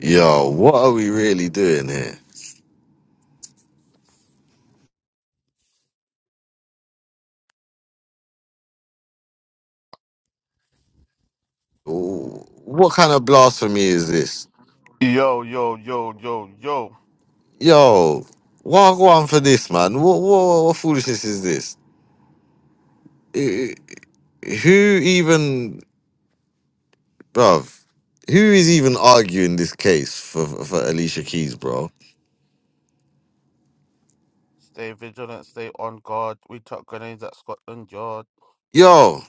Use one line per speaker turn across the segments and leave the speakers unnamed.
Yo, what are we really doing here? Wh- What kind of blasphemy is this? Yo, why go on for this, man? What what, what foolishness is this? Eh, eh, Who even, bruv? Who is even arguing this case for for Alicia Keys, bro? Yo,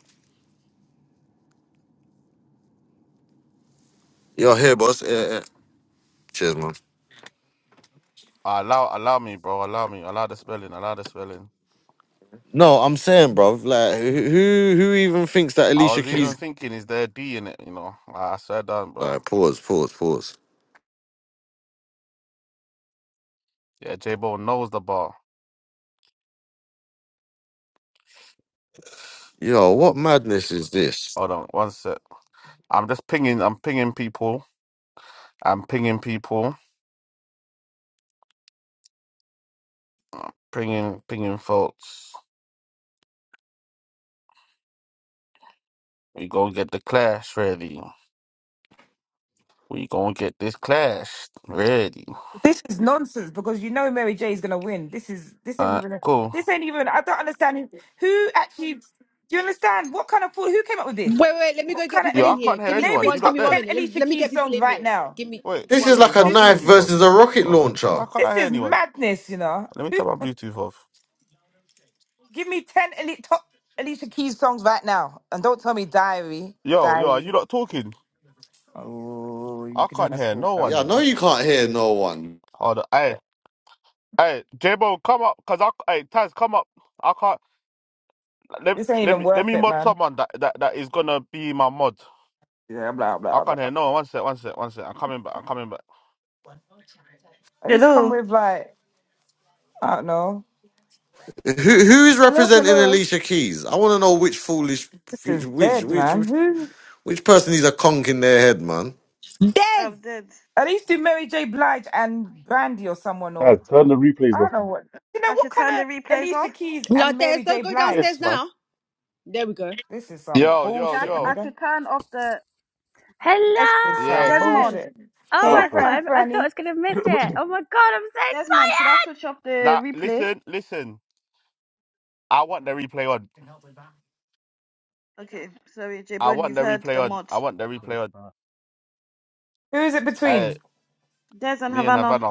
yo, here, boss. Eh, eh. Cheers, man. No, I'm saying, bruv, like who who who even thinks that Alicia Keys? All right, pause, pause, pause. Yo, what madness is this?
This is nonsense because you know Mary J is gonna win. This is this ain't even a, this ain't even. I don't understand who who actually. Do you understand what kind of fool? Who came up with
Wait,
this?
wait, let me go
What
get
kind of
people in
elite?
here. Give me
Name me
one give
top
me one
ten
minute. Let me,
Alicia
let me get
Keys
people
songs
in
right
here.
now.
Give me give me
This
one
is
minute.
like a
This
knife
is
versus a rocket launcher.
this is madness. You know, give me ten elite top Alicia Keys songs right now, and don't tell me Diary, Diary.
Yeah, I know you can't hear no one.
This ain't even worth it, man. At least come
Hello.
with like I don't know.
Who who is
Hello,
representing
hello.
Alicia Keys? I want to know which foolish,
This
which
is
which
dead,
which
man. Who?
which person needs a conk in their head, man.
Des!
I'm dead.
At least do Mary J. Blige and Brandy or someone or.
Guys, turn the
I
replays off,
don't know
man.
what. You know
I
what
should
kind
turn the
of
replays
Alicia
off.
Keys
No,
and
Des,
Mary
don't
J.
go
Blige?
downstairs
Yes, man.
now. There we go.
This is some
Sh- Should I,
bullshit,
t- I
nigga.
should turn off the es-
This is some
Hello!
Desmond.
bullshit.
Shut
Should
Oh,
Hey,
I
I
up,
thought
man.
turn
I,
friend,
I thought I
Franny.
was gonna miss it. Oh my god, I'm so
Desmond? Should
excited!
I switch off the replay? Okay, sorry, J Bone, you've heard the mod.
okay, fine.
Who is it between?
Des and Havana.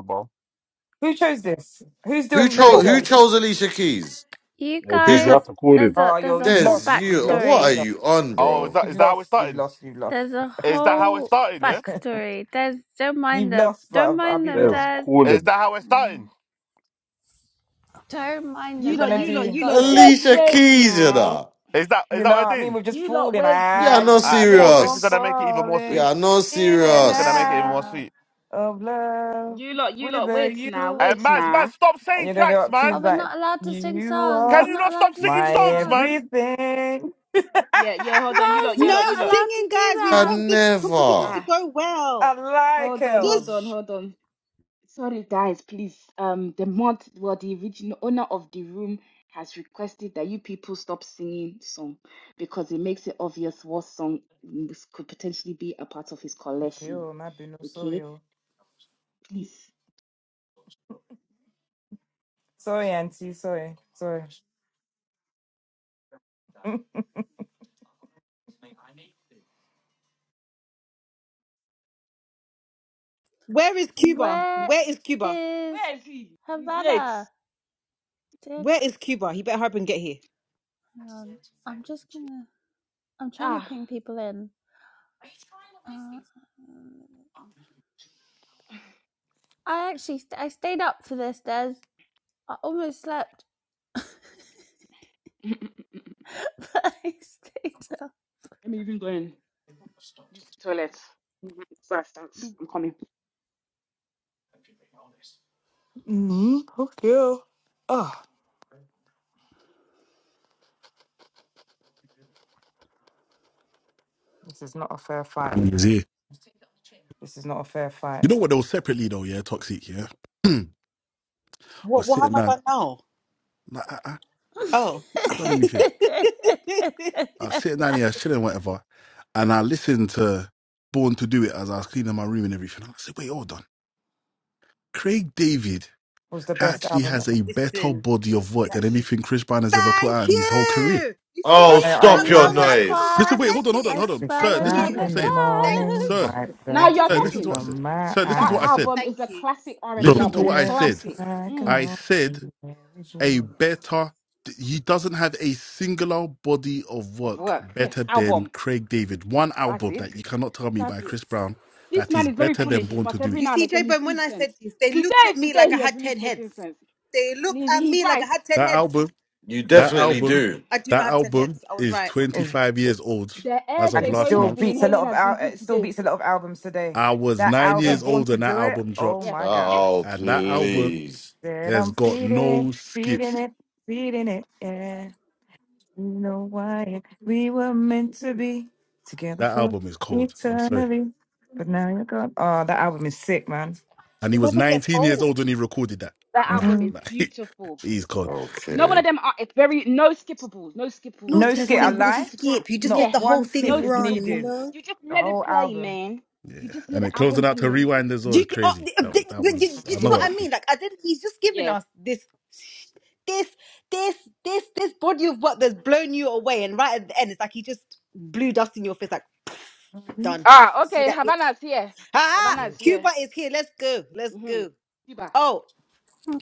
Who chose this? Who's
Who
doing
You
Mary
chose
got
who
J?
chose Alicia Keys?
You
yeah, Des,
Who's
you
guys,
have
rep?
to call him.
there's a
Oh,
there's
yo,
a
you've
whole
lost.
There's
You've
you.
lost.
What are
You've
backstory.
lost.
you on, bro?
You've lost. You've lost. You've lost.
There's a whole backstory. Des, don't mind
You've
them.
lost,
Don't
but I'll
mind
be
them,
Des,
real.
Des.
call him.
Mm.
Don't mind
You're
You
them,
lot,
gonna
you
Des.
lot,
We
do.
you
got
lot.
this.
Just
Alicia
wait
Keys, you
now.
know.
You know what I mean? We're just
You lot,
falling.
wait
Yeah,
I
no
now. Wait.
keep on
serious.
falling
Yeah, no
in and
serious.
Uh
out of love
You lot, you lot,
with
wait now.
you.
Wait now.
And you're gonna go up.
oh,
She's
we're
like,
not allowed to sing
You
songs. We're
are
not allowed to
my
sing songs.
everything.
Yeah, yeah. Hold on. You
Mez,
lot, you
you're
No
lot, you
not
lot.
allowed to
singing,
do
guys. We
I
that.
want this competition
never.
to
Ah,
go well.
I like
hold on, hold
Just
else.
on,
sh-
hold on. Sorry, guys, please. Um, the mod, well, the original owner of the room has requested that you people stop singing song because it makes it obvious what song this could potentially be a part of his
Okay,
collection.
oh, my be no sorry.
Okay,
oh.
please.
Sorry, Auntie. Sorry. Sorry.
where is Cuba?
Where
Where is Cuba?
is
Where is he? He's late.
Havana? Dick.
Where is Cuba? He better hurry up and get here.
Hang on. I'm just gonna. I'm trying to
Ah,
ping people in. Uh, I actually st- I stayed up for this, Des. I almost slept, but
let
I stayed up.
me even go and use the toilet. Mhm, Before I start, I'm coming.
mm Okay. oh. Ah, this is not a fair fight.
And he's here.
This is not a fair
You
fight.
know what? They were separately though, yeah, toxic, yeah.
What
was
what
sitting
have I
down.
done now?
Nah, I, I,
Oh.
I done anything. I was sitting down here chilling, whatever, and I listened to Born to Do It as I was cleaning my room and everything. And I said, wait, hold on. Craig David
was the best
actually
album
has a better
Listen.
body of work
that
than
sh-
anything Chris Brown has ever put
Thank
out in his whole career.
you. You
ever.
Oh,
see,
I, I
I'm
stop
not
your
agree.
a
another
mad woman
noise.
when
Listen,
I
clash.
wait,
said
hold on, hold on,
this.
I
hold on.
Six
smell
Sir,
Thank
listen to
you.
o'clock
what
another
I'm
in the
saying.
Thank you.
morning,
sir.
clash.
wipe
Now
the
Thank
you're
Sir,
you.
tears
listen to what
talking.
I said.
from my
Sir, listen to
That
what
eyes.
I said.
album
Thank
is a
you.
classic
So
R&B
Listen to
album.
what I
Every
said.
Classic.
slack
Mm,
and
I
all.
said
Every
a
dream.
better. He doesn't have a singular body of
of
work
work. Yes,
better than
album.
Craig David. One
That's
album
it.
that you cannot tell me
That's
by
it.
Chris Brown
This
that
man
is
is very
better than
Thank
foolish,
Born
you.
to
but
Do
every
It.
You
now and
see, J
again he
Bone, when
speaks
I
sense.
said this, they looked
Today
at
is the
me
day
like I
he has
had
really
10 heads.
spoken sense.
They
And
looked
He's,
at
he's
me like I
right.
had 10
That
heads.
album,
You
that
definitely
album,
do.
I do not
that
have 10 heads.
album
I was
is
right.
25 years old
The air
as
and
of
J
it
last
Bone
still
has been
month.
beats a lot
inhaling
of
has been
out.
good
It still
today.
beats a lot of albums today.
I was
That
nine
album,
Yes,
years
Born
old
to
when that
Do It.
album
Oh
dropped,
yes,
my
yes.
gosh!
Oh,
and that album
please.
Said
has
I'm
got
feeding it,
no
feeding
skips.
it, feeding it. Yeah, you know why we were meant to be together
That
for
album is cold. I'm sorry.
eternity, but now you're gone. Oh, that album is sick, man.
and he
It
was
never gets
19 years
old.
old when he recorded that.
That
Nah,
album
Mhm.
is
nah
beautiful.
he's cold.
You know, one
Okay.
of them are it's very no skippable, no skippable. You
No
Not a
just
skit,
want to
I
single
listen
lie.
to that.
skip. You just let
Yeah,
Not
the
one
whole
skip
no
thing
Yeah,
is
run, you
skippable.
needed.
know?
You just
The
let it
whole
play,
album.
man. You
yeah.
just let
And it
the album
closing out to
play.
rewind as well
Do
is
you, get- oh,
crazy.
uh,
That was
the-
that
the- the-
was.
do you
I
see
know
what I
Yeah,
what that.
mean? Like, I didn't, he's just giving
yeah.
us this, this, this, this, this body of work that's blown you away. And right at the end, it's like he just blew dust in your face, like,
hmm
done.
Ah,
See
okay.
that bitch?
Havana's here.
Ah,
Havana's here.
Cuba is here. Let's go. Let's
hmm
go.
Cuba,
Oh,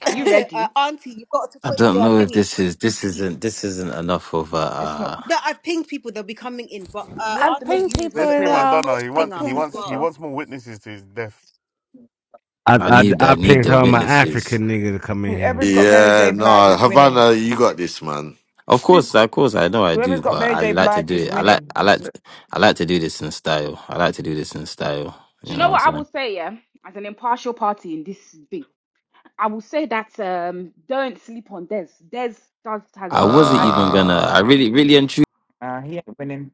are you
uh,
ready?
auntie, you got to
I
put the
don't
uh,
know if
thingy.
this is this isn't this isn't enough of a.
It's not.
Uh,
No, I've pinged people; they'll be coming in. But uh,
we have
I've
to
auntie,
make
pinged
you
do
need
with
to
people
what we
put
as
got.
the
well.
poll thing
I've
up
pinged
as well.
people.
I
I
I
need
I
I need
pinged
the
her my
witnesses.
African nigga to come in here.
Whoever's got Mary
Yeah,
J. Blige
no,
is winning.
Havana, you got this, man.
Of course, of course, I know I
Whoever's
do,
got
but
Mary
I
J.
like to
Blige
do
is
it. I like
winning.
I
That's
like
what.
I like to do this in style. I like to do this in style.
Do
You
you
know
know
what I'm
what I will
saying?
say, yeah? As an impartial party in this thing, I will say that um, don't sleep on Des. Des does has
I wasn't
has
even gonna. I
Uh,
really
mm,
really and truly
Nah, he ain't winning.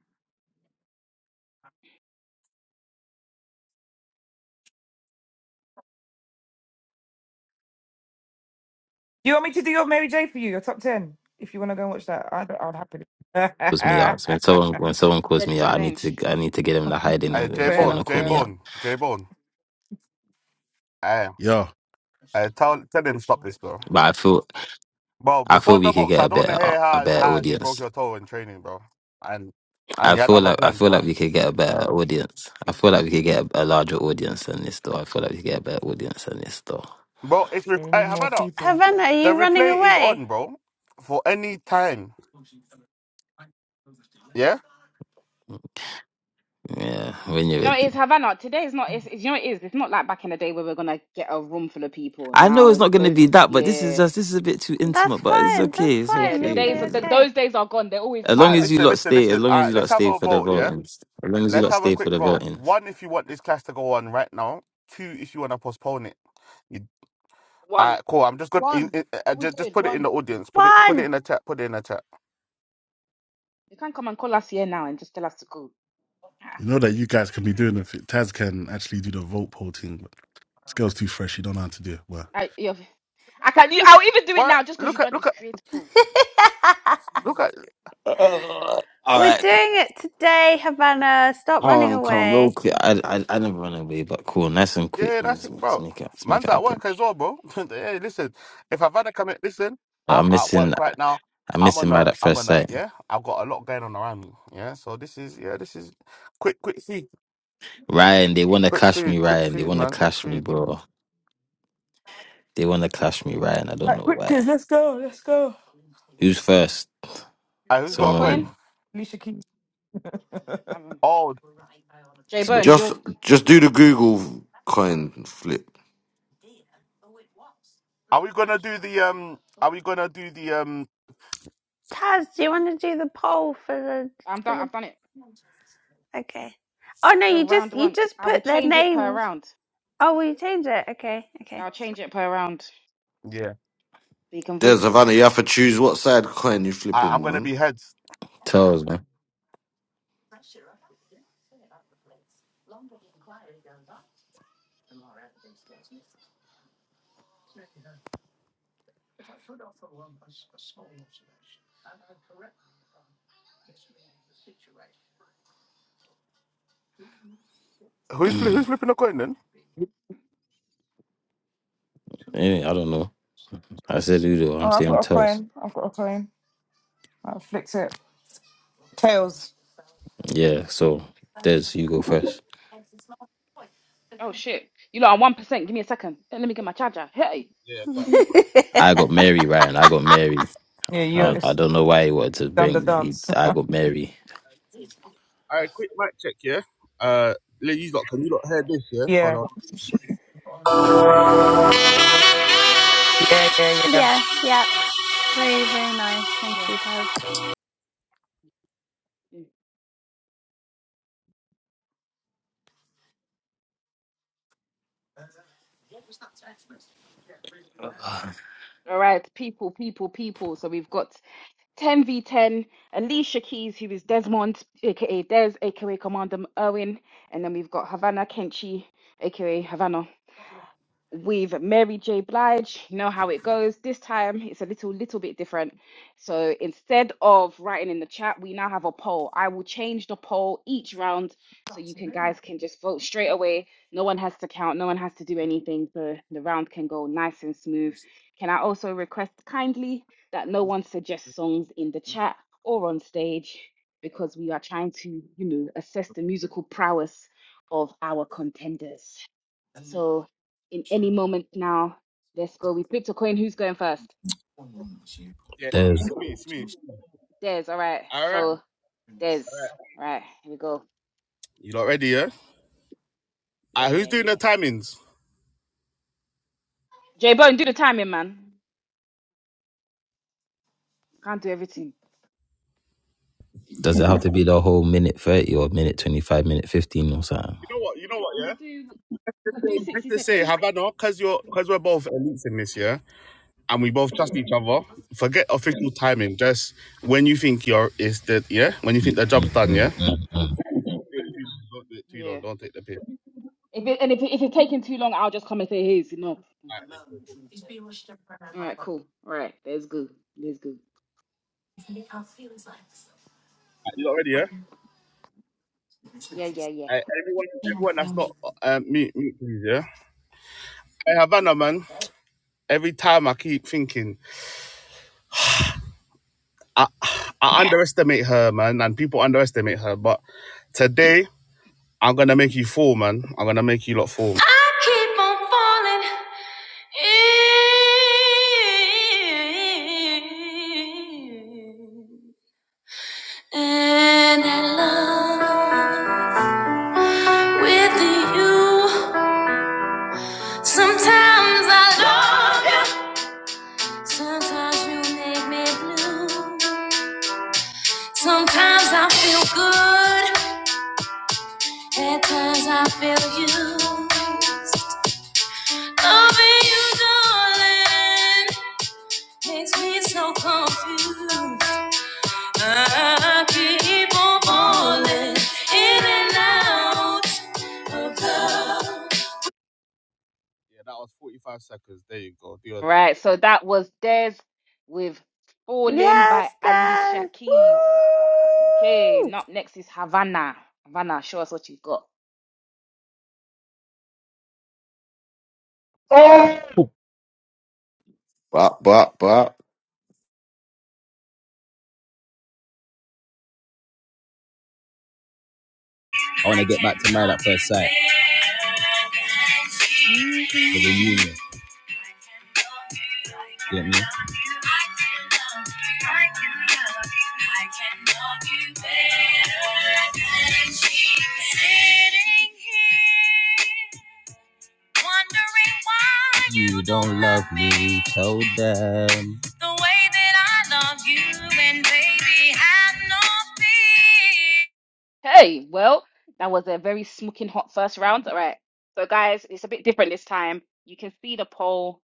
Do you want me to do your Mary J. for you? Your top ten. If you want to go and watch that, I would I would happily.
calls me out. So when someone when someone
the
calls me out, I need
challenge. Do
to I need to get them to hide in it if
fair
they want to
enough.
call
Fair
me
enough.
out.
Yeah,
But I feel I feel we could get a better a better audience. I feel like I feel like we could get a better audience. I feel like we could get a, a larger audience than this, though. I feel like we could get a better audience than this, though.
They need more people.
Havana, are you running away?
Yeah, when you're
you know
ready.
it is, Havana? Today is not. It's, it's- you know it is. It's not like back in the day where we're gonna get a room full of people.
I know it's
Now
not going to
those
be that, but this is
yeah
just this is a bit too
That's
intimate. But it's
fine. That's
okay. It's
yeah
fine.
the
You'll
okay.
be
days of the,
okay.
those days are gone. They're always
As long
intimate.
as you lot stay, as long as you lot stay for the
hmm
voting, as long as you lot stay for the voting.
One,
One, we do it. One,
One.
you can't come and call us here now and just tell us to go. Ah,
you know that you guys can be doing it. Taz can actually do the vote poll thing, but this girl's too fresh. She don't know how to do it. Well,
I, you're- I can. I will even do it now just because you done this creative pool. Mm-hmm.
Uh, all
We're doing
right,
it today, Havana. Stop running
calm, calm, real
away.
quick. I, I, I never run away, but cool, nice and quick, man. Let's, make- let's make it, let's make it happen. I'm missing, I'm missing by that first sight. Ryan, they want to clash me, Ryan. They want to clash me, bro. They want to clash me, Ryan. I don't
Right,
know
quick
why.
kids, let's go. Let's go.
Who's first?
Flip a coin.
Someone
Alicia Keys.
Um, Jay
so,
Bone,
just
you're.
just do the Google coin flip.
Taz, do you want to do the poll for the
I'm
for
done.
the?
I've done it.
Okay. Oh no,
So
you just
round
you
one,
just
I will
put their
change it per
names.
round.
Oh, will you change it. Okay, okay.
I'll change it per round so you can
There's
vote.
Havana. You have to choose what side coin you flipping, man.
tells, man. Eh, I don't know. I said Udo.
Oh,
I'm
I've
saying
got a
tells.
plan. I've got a plan. I'll fix it. Tails.
Yeah, so there's you go first.
Oh shit! You know I'm one percent. Give me a second. Eh, Let me get my charger. Hey.
I got Mary, Ryan. I got Mary.
Yeah, you
I, I
it's
don't know why he wanted to
done the
bring.
dance.
I got Mary.
yeah. Yeah. Yeah. Yeah.
yes, yeah. Very, very nice. Thank
Yeah.
you, Taz.
yeah. All right, people, people, people. So we've got 10 v 10, Alicia Keys, who is Desmond, aka Des, aka Commander Owen, and then we've got Havana Kenchi, aka Havana. with Mary J. Blige, you know how it goes. This time it's a little little bit different. So instead of writing in the chat, we now have a poll. I will change the poll each round so you can guys can just vote straight away. No one has to count, no one has to do anything. The the round can go nice and smooth. Can I also request kindly that no one suggests songs in the chat or on stage because we are trying to, you know, assess the musical prowess of our contenders. So in any moment now, let's go. We picked a coin. Who's going first?
There's,
Des. All right. So Des. All right. Here we go. Yeah, yeah, yeah. J Bone, do the timing, man. Can't do everything.
does it have to be the whole minute 30 or minute 25, minute 15 or something?
We'll do. We'll do sixty seconds.
Mm, mm, mm, mm, mm.
Yeah. If it, and if it, if it's taking too long, I'll just come and say, "Hey, it's enough." All right. Cool. All right. There's good. There's good. Yeah, yeah, yeah.
Keep on falling in. And I love with you. Sometimes I love you. Sometimes you make me blue. Sometimes I feel good. At times I feel used. Loving you, darling. Makes me so confused. I keep on falling in and out of love.
All right. So that was Des with "Falling"
Yes,
by Alicia
Taz.
Keys. Okay,
Woo!
not next is Havana. Havana, show us what you've got.
Oh!
But but but.
I want to get back to Married at First Sight. The reunion. Get me? You don't love me, told them. The way that I love you, and baby, have no fear.
Hey, well, that was a very smoking hot first round. All right. So, guys, it's a bit different this time. You can see the poll.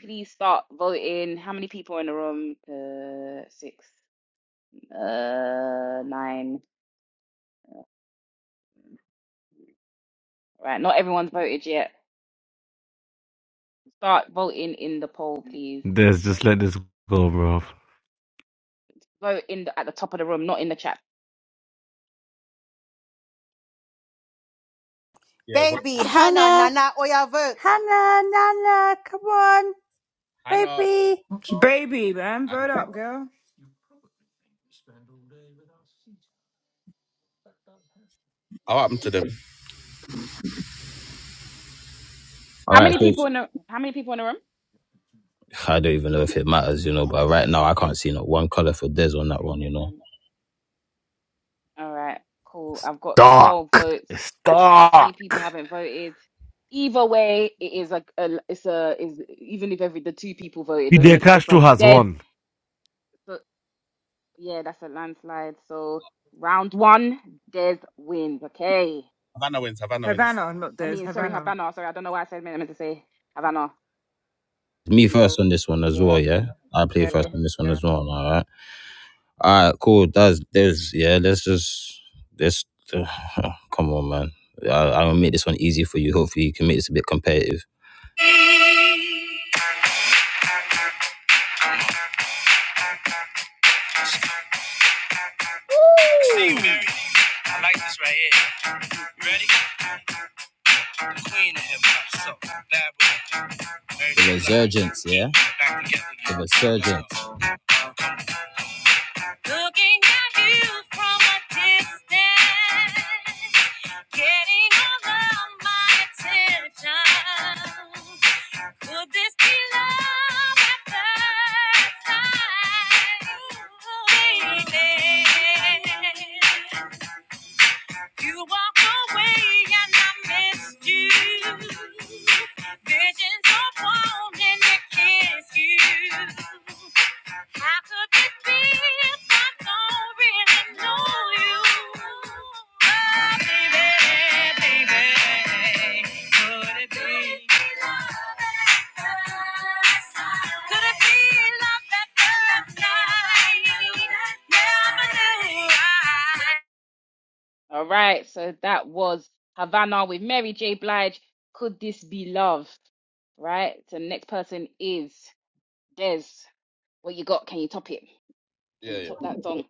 Please start voting. How many people are in the room? Uh, six, uh, nine. All right. Not everyone's voted yet. Start voting in the poll, please.
Just just let this go, bro.
Vote in the, at the top of the room, not in the chat.
baby Hannah
Hannah,
Nana Oya vote.
Hannah, Nana, come on, baby.
Baby, man, vote up, girl.
All
How
right,
many
so
people in the How many people in the room?
I don't even know if it matters, you
One,
know.
two,
But right now, I
six,
can't see not one color for Des on that
six,
one, you know.
seven. All right, cool. I've got 12
Stark.
votes. Three people
Stark.
haven't voted. Either way, it is like a, it's a is even if every the two people voted, it doesn't
Fidel
make a
Castro
difference.
has
Des,
won.
so yeah, that's a landslide. So round one, Des wins. Okay.
Havana, not
I
this.
mean, sorry,
Havana.
Havana. Sorry, I don't know why I said I meant to say Havana.
Me first on this one as
Yeah,
well, yeah. I play
Yeah.
yeah.
first on this one
Yeah.
as well. All right, all right, cool. That's Des, yeah. Let's just let's uh, come on, man. I, I'll make this one easy for you. Hopefully, you can make this a bit competitive. See
Woo!
I like this right here. Ready? Queen of hip hop, so bad boy. The resurgence, yeah. Back together. The resurgence. Looking at you from a distance, getting all of my attention. Could this be love at first sight? Baby, you walk away and I missed you. Visions of wanting to kiss you. How could this be if I don't really know you? Oh, baby, baby, baby. Could it be love at first sight? Could it be love at first sight? Never knew I-
All right, so that was Havana with Mary J. Blige. Could this be love? Right. So next person is Des. What you got? Can you top it? Can you top that song?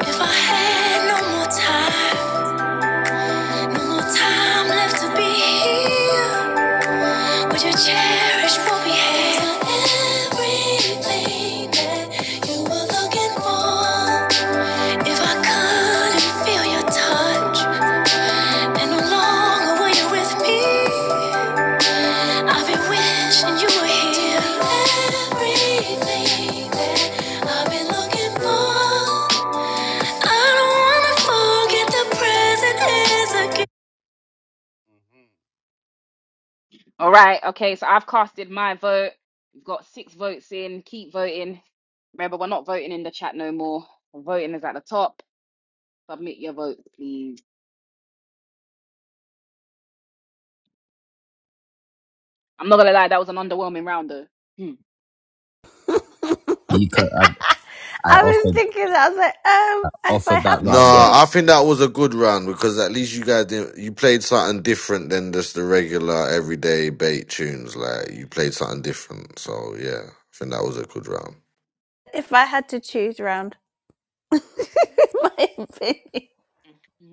If I had no more time, no more time left to be here, would you cherish what we had? Everything that you were looking for. If I couldn't feel your touch, and no longer were you with me. I've been wishing you were here. I've been looking for. I don't wanna forget the present is a gift.
All right. Okay. So I've casted my vote. We've got six votes in. Keep voting. Remember, we're not voting in the chat no more. Voting is at the top. Submit your votes, please. I'm not gonna lie, that was an underwhelming round though. Hmm.
I was thinking, that. I was like, um, if I
Offered that
have
No,
to
round. right?
choose,
I think that was a good round because at least you guys didn't. You played something different than just the regular everyday bait tunes. Like
Mm,
you played something different. So yeah, I think that was a good round.
if I had to choose round, in my opinion.
mm, mm.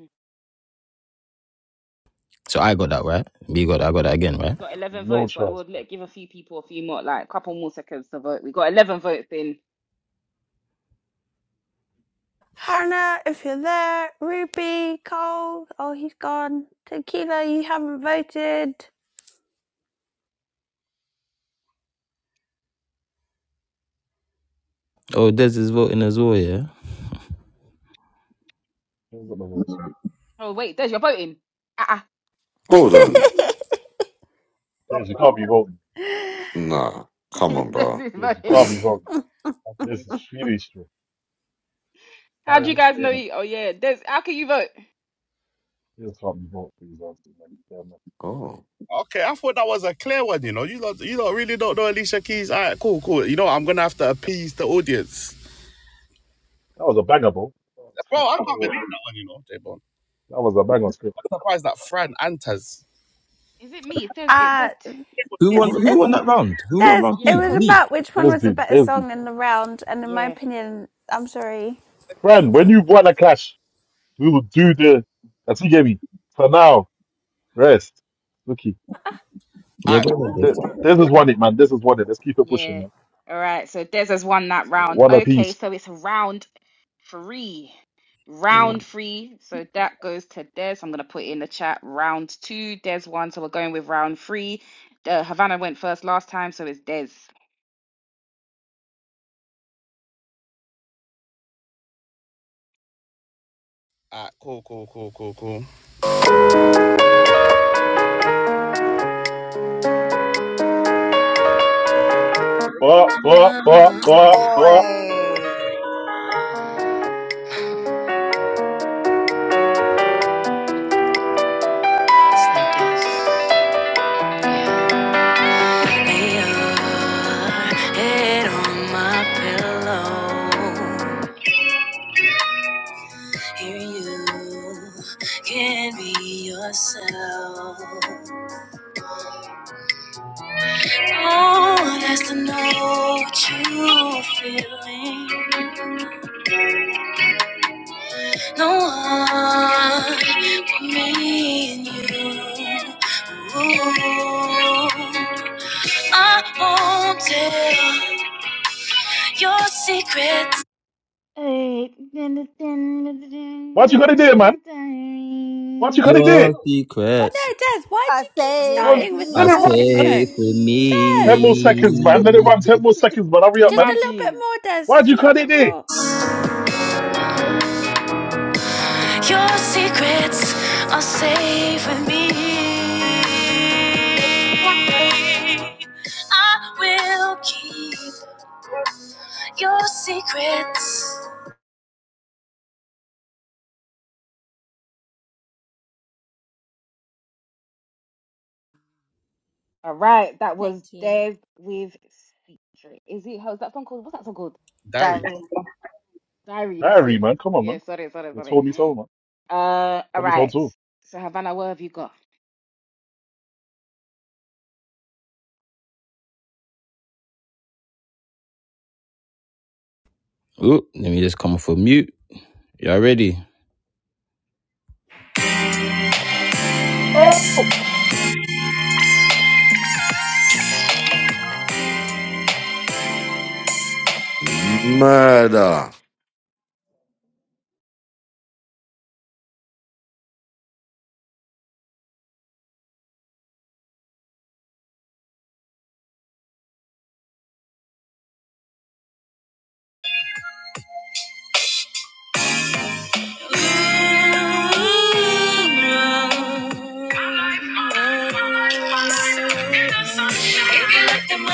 So I got that right. You got that. I got that again,
We
right?
got 11
No
votes, but
chance.
we'll
bro.
let give a few people a few more, like a couple more seconds to vote. We got 11 votes in.
Hannah, if you're there, Ruby, Cole, oh, he's gone. Tequila, you haven't voted.
Oh, Des is voting as well, yeah.
You ain't got no votes.
Oh, wait, Des, you're voting. Ah,
Hold on.
James, you can't be voting.
Nah, come
uh-uh.
on, bro.
Des is
James, you
voting.
can't be voting. This is really bro.
How do
Alright,
you guys know?
tighten up.
You? Oh, yeah, Des, how can you vote?
You just can't be voting for these answers, man. Damn, man.
Oh.
That was a banger, bro. That was a banger.
Is it me? It says, it
uh,
says, T-
Who won?
it's,
I
Who won
it's,
don't
that
know.
round? Who won
there's,
round
Yeah,
it
two?
was
because,
Me.
about which one
There's
was the
the
better
there's the
song in the round, and in my
yeah,
opinion, I'm sorry.
friend. When you want a clash, we will do the. That's you get me. For now, rest. Looky,
Yeah, go
What
ahead,
have
th-
Des.
I done?
this is one it, man. This is one it. Let's keep it pushing,
yeah.
man.
All right, so Des has won that
So,
round.
one
Okay,
apiece.
so it's round free
mm,
round three so that goes to des i'm going to put in the chat round two des one so we're going with round three uh, havana went first last time so it's des
But but but but but
Oi.
They are head on my pillow. Here you can be yourself. No one to know what you're feeling. No one but me and you. Ooh. I won't tell your secrets.
Eight,
what you gonna do, man? What you gonna do?
Your
Oh
secrets.
no, Des, why do
Are
you keep
safe
Run,
yes
with
starting
me.
with
let
are
the
it
whole
run, man.
intro?
safe with
Ten
Des!
more seconds, man. Let it
me.
run. Ten more seconds, man. Hurry up,
Just a
man.
little bit
imagine
more, Des.
Why'd
Just a
you
little
cut it
bit
there?
more.
Your secrets are safe with me. I will keep your secrets,
all right that
Thank
was
you.
des with secret is it how's that song called what's that song called
Diary.
diary that's
Larry,
it
man. Come on,
yeah
man.
sorry sorry
You
sorry
told me so, man.
uh all
Told me so
right
too.
so havana what have you got
Ooh, let me just come off a mute. Y'all ready?
Oh,
Murder.
If you let them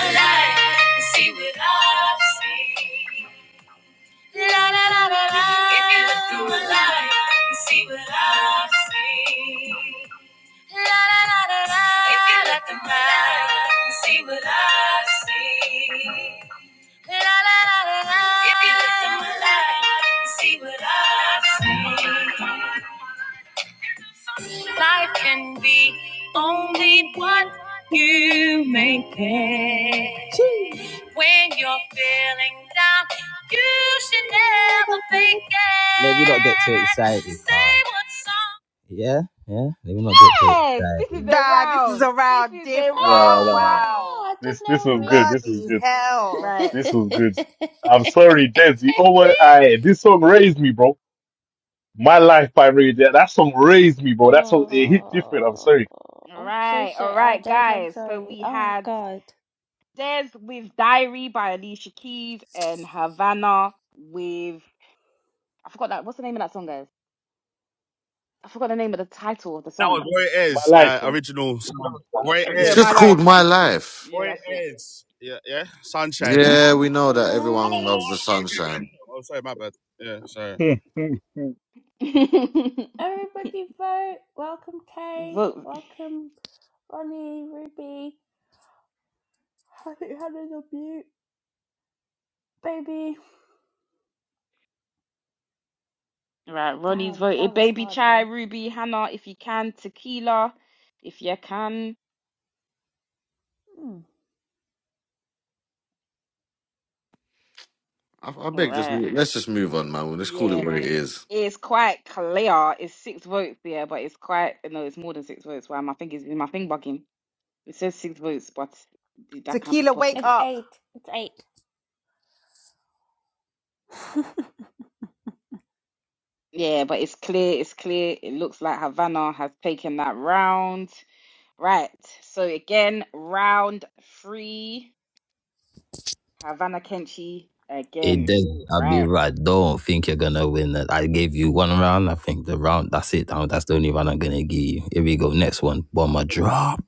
lie, see what I see. If you look at my life, you see what I see. Life can be only what you make it. When you're feeling down, you should never think it. Let me not get too excited. Say what song. Yeah, yeah. Let me not get too
Yes, this
excited.
is a
nah, this is
round. This
around
is
diff.
a
nah, nah.
round
Oh
nah.
match.
wow,
Oh, I don't
This this
know
is
me.
good.
Yes,
This is
bloody
good.
hell!
right,
This was good. I'm sorry, Dez. You know I this song raised me, bro. My life by Ray J. That song raised me, bro. That's what it hit different. I'm
oh,
sorry.
I'm so
right,
sorry.
all
Oh,
right,
Des, I'm
guys. So
sorry.
we
Oh,
had
God.
Des with Diary by Alicia Keys and Havana with I forgot that. What's the name of that song, guys? I forgot the name of the title of the song.
My life, man.
Eh,
It's
yeah,
just
my
called
life.
My Life.
Yeah, that's it.
Yeah, we know that everyone loves the sunshine.
that
Everybody vote. Welcome, Kay.
Vote
Welcome, Ronnie, Ruby. Haven't had enough mute, baby.
right, Ronnie's
Damn, that
voted.
was
Baby
hard,
Chai,
though.
Ruby, Hannah, if you can, tequila, if you can.
Hmm.
I, I
All
beg, just
Right.
let's just move on, man. Let's call it
Yeah,
what it is.
it's quite clear. It's six votes, yeah, but it's quite no, it's more than six votes. Why my thing is my thing bugging. It says six votes, but th- that can't be
Tequila, wake
possible.
It's
up!
eight. It's eight.
Yeah, but it's clear. It's clear. It looks like Havana has taken that round. Right. So again, round three, Havana Kenchi
It
again.
does. I'll be
Right.
right. Don't think you're gonna win it. I gave you one round. I think the round. That's it. Now that's the only round I'm gonna give you. Here we go. Next one. Bomber drop.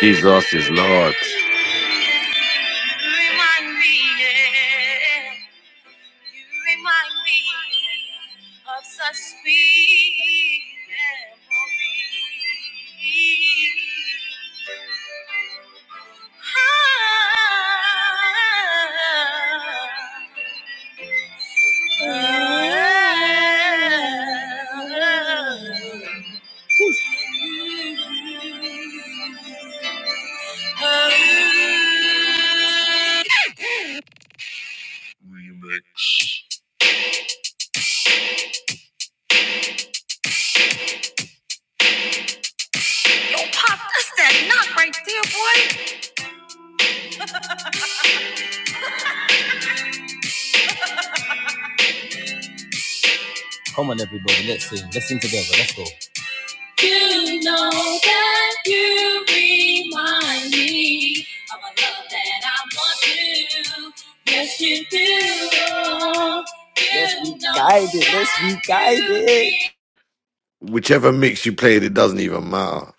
Jesus is Lord.
remind me, yeah. You remind me of such sweet memories. Ah, Yo, Pop, that's that knock right there, boy. Come on, everybody, let's sing. Let's sing together. Let's go. You know that you remind me of a love that I want you. Yes, you do. You Yes, we know guided. Let's guided.
Whichever mix you played, it doesn't even matter.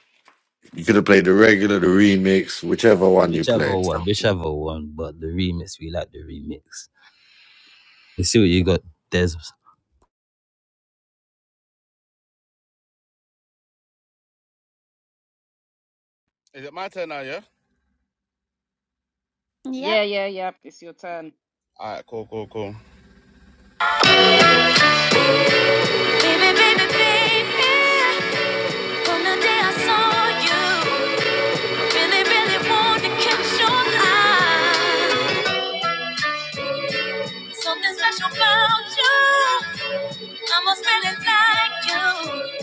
You could have played the regular, the remix, whichever one you
Whichever
play.
one, whichever one, but the remix, we like the remix. You see what you got, Des?
Yeah,
Yep.
yeah, yeah. It's your turn.
baby, baby, baby. From the day I saw you. Really, really want to catch your eye. Something special about you. I must really like you.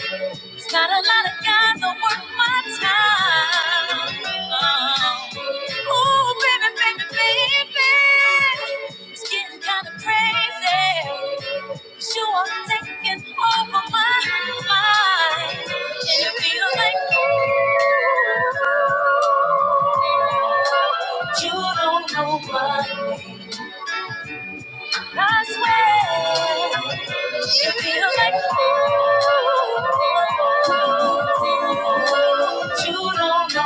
It's not a lot of guys that worth my time. Oh, oh, baby, baby, baby. It's getting kind of crazy. 'Cause You are taking over my mind. And it feels like you don't know my name. I swear, you feel like you don't know.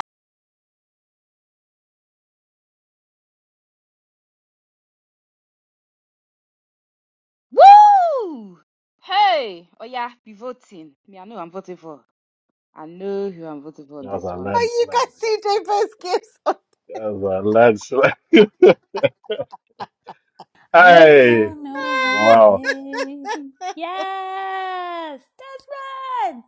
Woo! Hey, oh yeah, be voting. Me, I know who I'm voting for. I know who I'm voting for on
was
this
a
one.
Are you
landslide,
guys CJ Best gifts?
man. That was a landslide.
You
hey,
don't know my
wow.
name. Yes, that's right.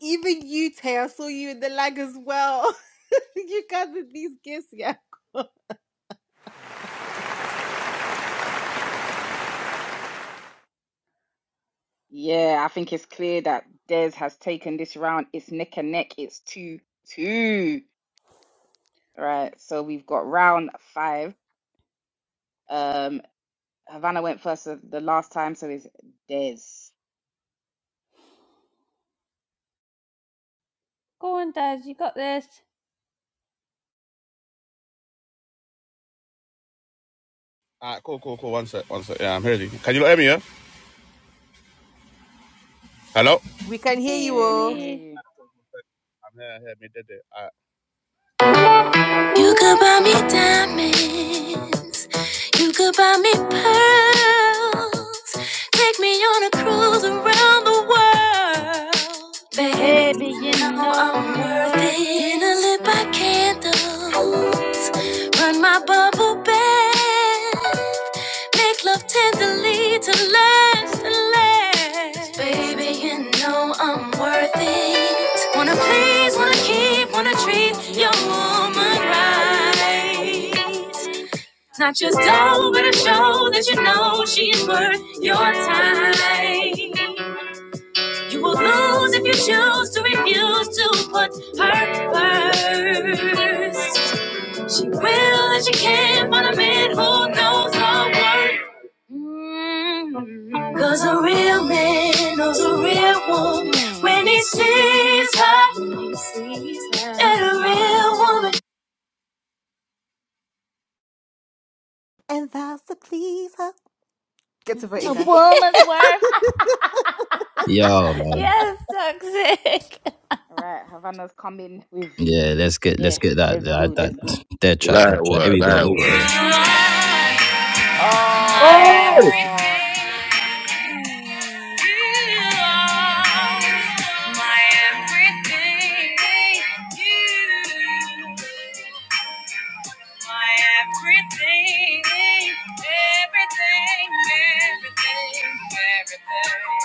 Even you, Tay, I saw you in the lag as well. you guys with these gifts, yeah.
Yeah, I think it's clear that Des has taken this round. It's neck and neck. It's two two. Right. So we've got round five. Um, Havana went first the the last time, so it's Des.
Go on, Dad. You got this.
We can hear
Hey,
you
we
Yeah,
can
we
all.
can hear
hear
you.
You could buy me diamonds, you could buy me pearls, take me on a cruise around the world, baby.
Baby,
You
you
know
know
I'm
I'm
worth
worth
it. In a
it.
lit by candles, run my bubble bath. Make love tenderly to last and last. Baby, you know I'm worth it. Wanna please, wanna keep, wanna treat your woman right. Not just dough, but a show that you know she's worth your time. You will lose if you choose to refuse to put her first. She will and she can't find a man who knows her worth. Mm. Cause a real man knows a real woman
Mm.
when he sees her. When he sees her. And a real woman.
And thou's the pleaser. Get to
you.
voting,
A
guys.
woman's worth.
Yo, man.
yes, toxic.
All right, Havana's coming with
Yeah,
his.
let's get
Yeah,
let's get that
let's go,
that that
let's go.
dead track, dead
That
track. Here
work,
we go,
that
here
work.
Oh,
Oh,
Ooh.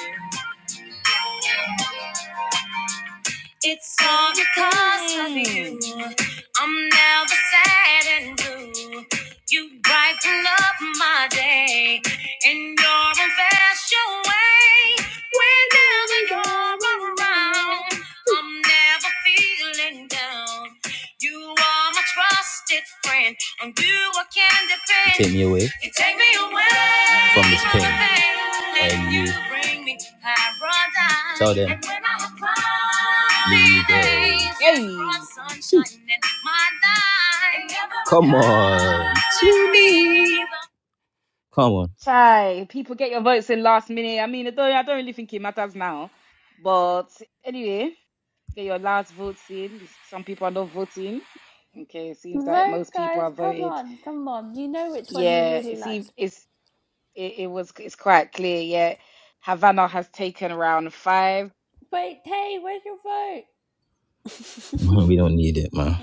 we go. It's all because of you.
Mm.
I'm never sad and blue. You brighten up my day in your special way. Whenever you're around, I'm never feeling down. You are my trusted friend, on you I can depend. Take me away. You take me away from this pain,
Mm.
and you you bring me paradise. Tell them. And when I'm upon you these go. days, you
Hey.
brought sunshine in my life. Come on, to me. Come
Chai, people get your votes in last minute. I mean, I don't, I don't really think it matters now. But anyway, get your last votes in. Some people are not voting. Okay, it seems like
Vote,
most people
guys.
have
Come
voted.
on, come on. You know which one you
Yeah,
really
it seems
liked.
it's it, it was it's quite clear. Yeah, Havana has taken round five.
Wait, hey, where's your vote?
on, we don't need it, man.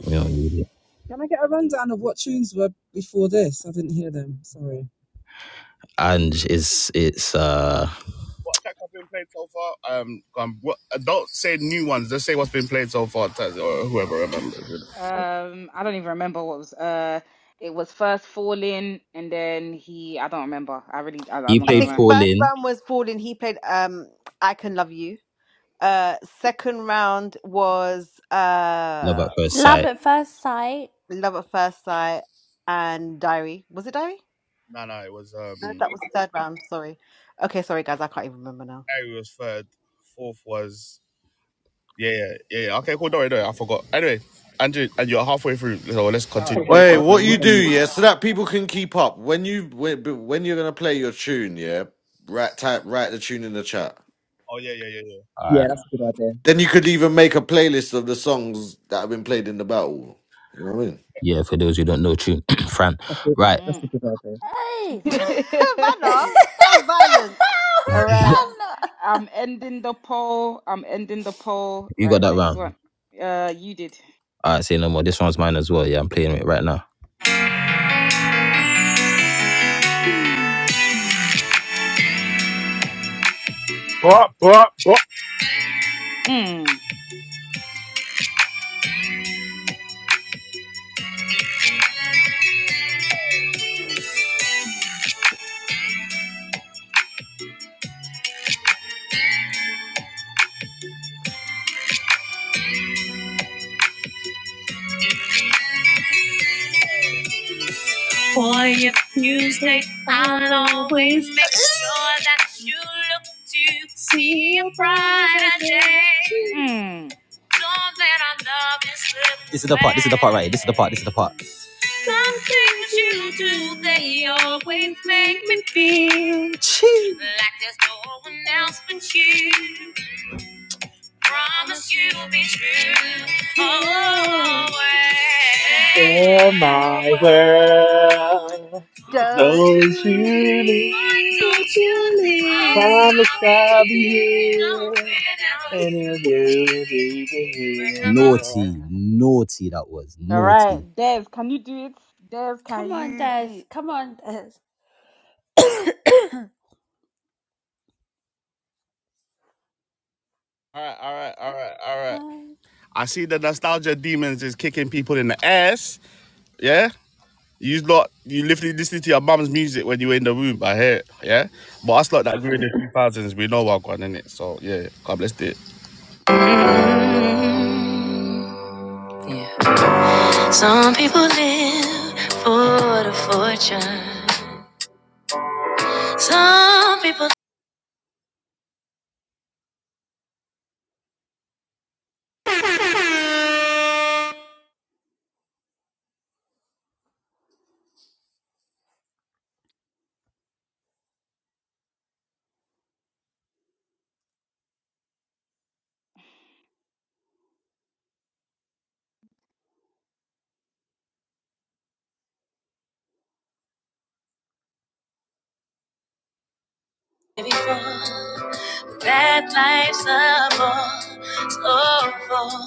We don't need it.
Can I get a rundown of what tunes were before this? I didn't hear them. Sorry.
And it's it's uh,
Um, I don't even remember what was uh. It was first falling, and then he. I don't remember. I really. I, I'm
you
not
I
played
think
gonna
Fall
first
In,
round was Fallen. He played um I Can Love You. Uh, second round was
Love
uh
at First
Love
Sight.
at first sight.
Love at First Sight and Diary. Was it Diary? No, that was the third round. Sorry. Okay, sorry guys, I can't even remember now.
All right, cool.
Wait,
cool, cool. Let
what
me
you
go
do,
and look.
yeah, so that people can keep up. When you when when you're gonna play your tune, yeah, write type write the tune in the chat.
All right.
Yeah, that's a good idea.
Then you could even make a playlist of the songs that have been played in the battle. You know what I mean?
Yeah, for those who don't know, tune Fran.
That's a,
Right,
that's a
lie.
good idea.
Hey,
Vanna,
Mm.
Found
that was violence.
All right.
you
I'm ending the poll. I'm ending the poll.
got
Right,
that
next one.
round.
Uh, you did.
All right, say no more. This one's mine as well. Yeah, I'm playing it right now.
Yeah.
but but but
Mm.
For your music, I'll always make sure that you look to see a brighter day.
Mm.
Know that our love is living This is the part. This is the part right. here, This is the part. This is the part. Some things you do, they always make me feel Chee. like there's no one else but you. Promise you'll be true always.
share my
Power,
world.
Don't
Don't you leave?
you leave
Don't you leave.
Promise
power
I'll be
here.
here. And if you is even here.
Naughty, naughty that was
All right,
naughty.
Dev, can you do it? Dev, can
Come on,
you do
Des.
it?
Come on, Des. No,
Mm. Yeah. Some people live for the fortune. Some people
i know
before. but that life's a bore. so full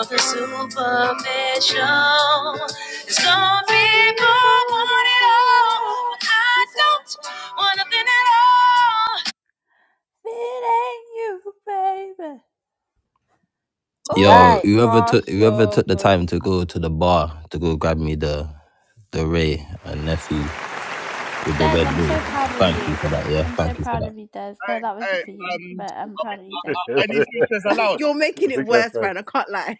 of the superficial. And some
Some people
people want it
want it
running
all,
all.
out
but I
of
don't
something
want nothing at all.
feeding you, baby. Oh,
Yo,
Right,
whoever took
cast
whoever
your
took the
votes.
time to go to the bar to go grab me the the Ray and nephew with the
Des,
red
I'm
bull.
so proud of
Thank you for that. Yeah,
you. I'm so
thank you for
proud
that.
of you, Des. No, that wasn't for you, but I'm proud of you, Des.
You're making it
Look at
worse,
Fred.
Fran. I can't lie.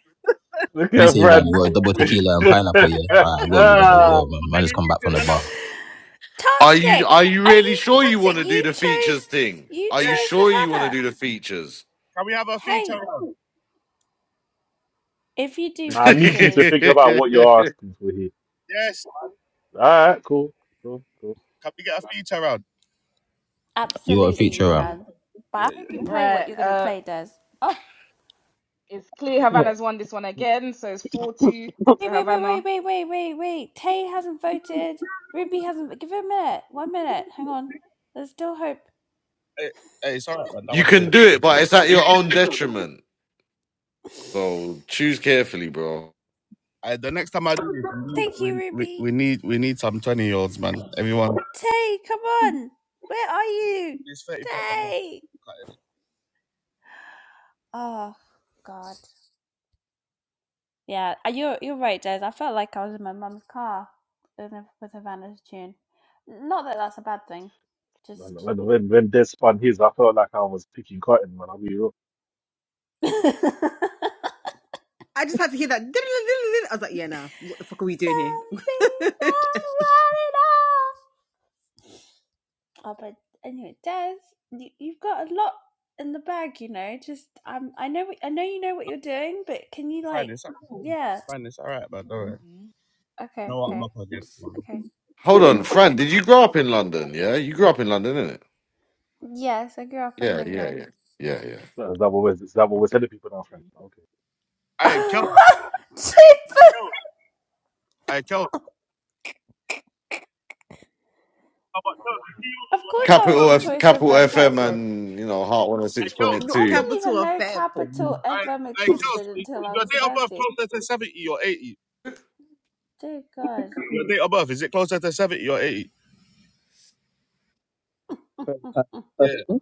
Look
You
at
say, man,
Fred,
you got a
bro.
double tequila and pineapple, yeah? All right, I got you that as well, man. Man, just come back from the bar.
Are you
toxic.
are you
Are
really
you
sure you want
toxic?
to do
You
the features
chose.
thing?
You
Are you
chose
sure you want to
Havana.
do the features?
Hey, if you do
I need you to
features,
think about what you're asking for here. Alright, cool. Cool, cool.
You got a
absolutely you
feature, um.
can. But I hope you play what
right,
you're going to
uh,
play, Des. Oh.
it's clear
Man,
Havana's won this one again, so it's 4 2
Wait,
to
wait, wait, wait,
Havana.
wait, wait, wait, wait. Tay hasn't voted. Ruby hasn't. Give it a minute. One minute. Hang on. There's still hope.
you can do it, but it's at your own detriment. So choose carefully, bro.
Thank you, Ruby. Tay, come on. Where are you? Tay. Oh, God. Yeah, uh, you're you're right, Des. I felt like I was in my mum's car with a with Havana's tune. Not that that's a bad thing. Just.
When, when, when Des spun his, I felt like I was picking cotton, man. I'll be real.
Some people
I just had to hear that. I was like, yeah, nah. What the fuck are we doing here?
want it all. Oh, but anyway, Des, you, you've got a lot in the bag, you know. Just um, I know, I know you know what you're doing, but can you like, yeah,
Mm,
okay, okay, I'm just okay,
Hold on,
okay.
Fran. Did you grow up in London? Yeah, you grew up in London, innit?
Yes, I grew up in
Yeah, yeah,
England.
yeah, yeah, yeah.
So is that what we're, is that what we're
Okay.
telling people now, friend? Okay.
Jesus!
mm,
Of course, I was
Capital
a
F,
Choice
Capital
FM
FM,
person.
and you know Heart One Hundred Six Point
Not
I
Two.
didn't
capital
even know
offense.
Oh, mm.
Capital FM existed until I was thirty. Dear God.
Very per- Question.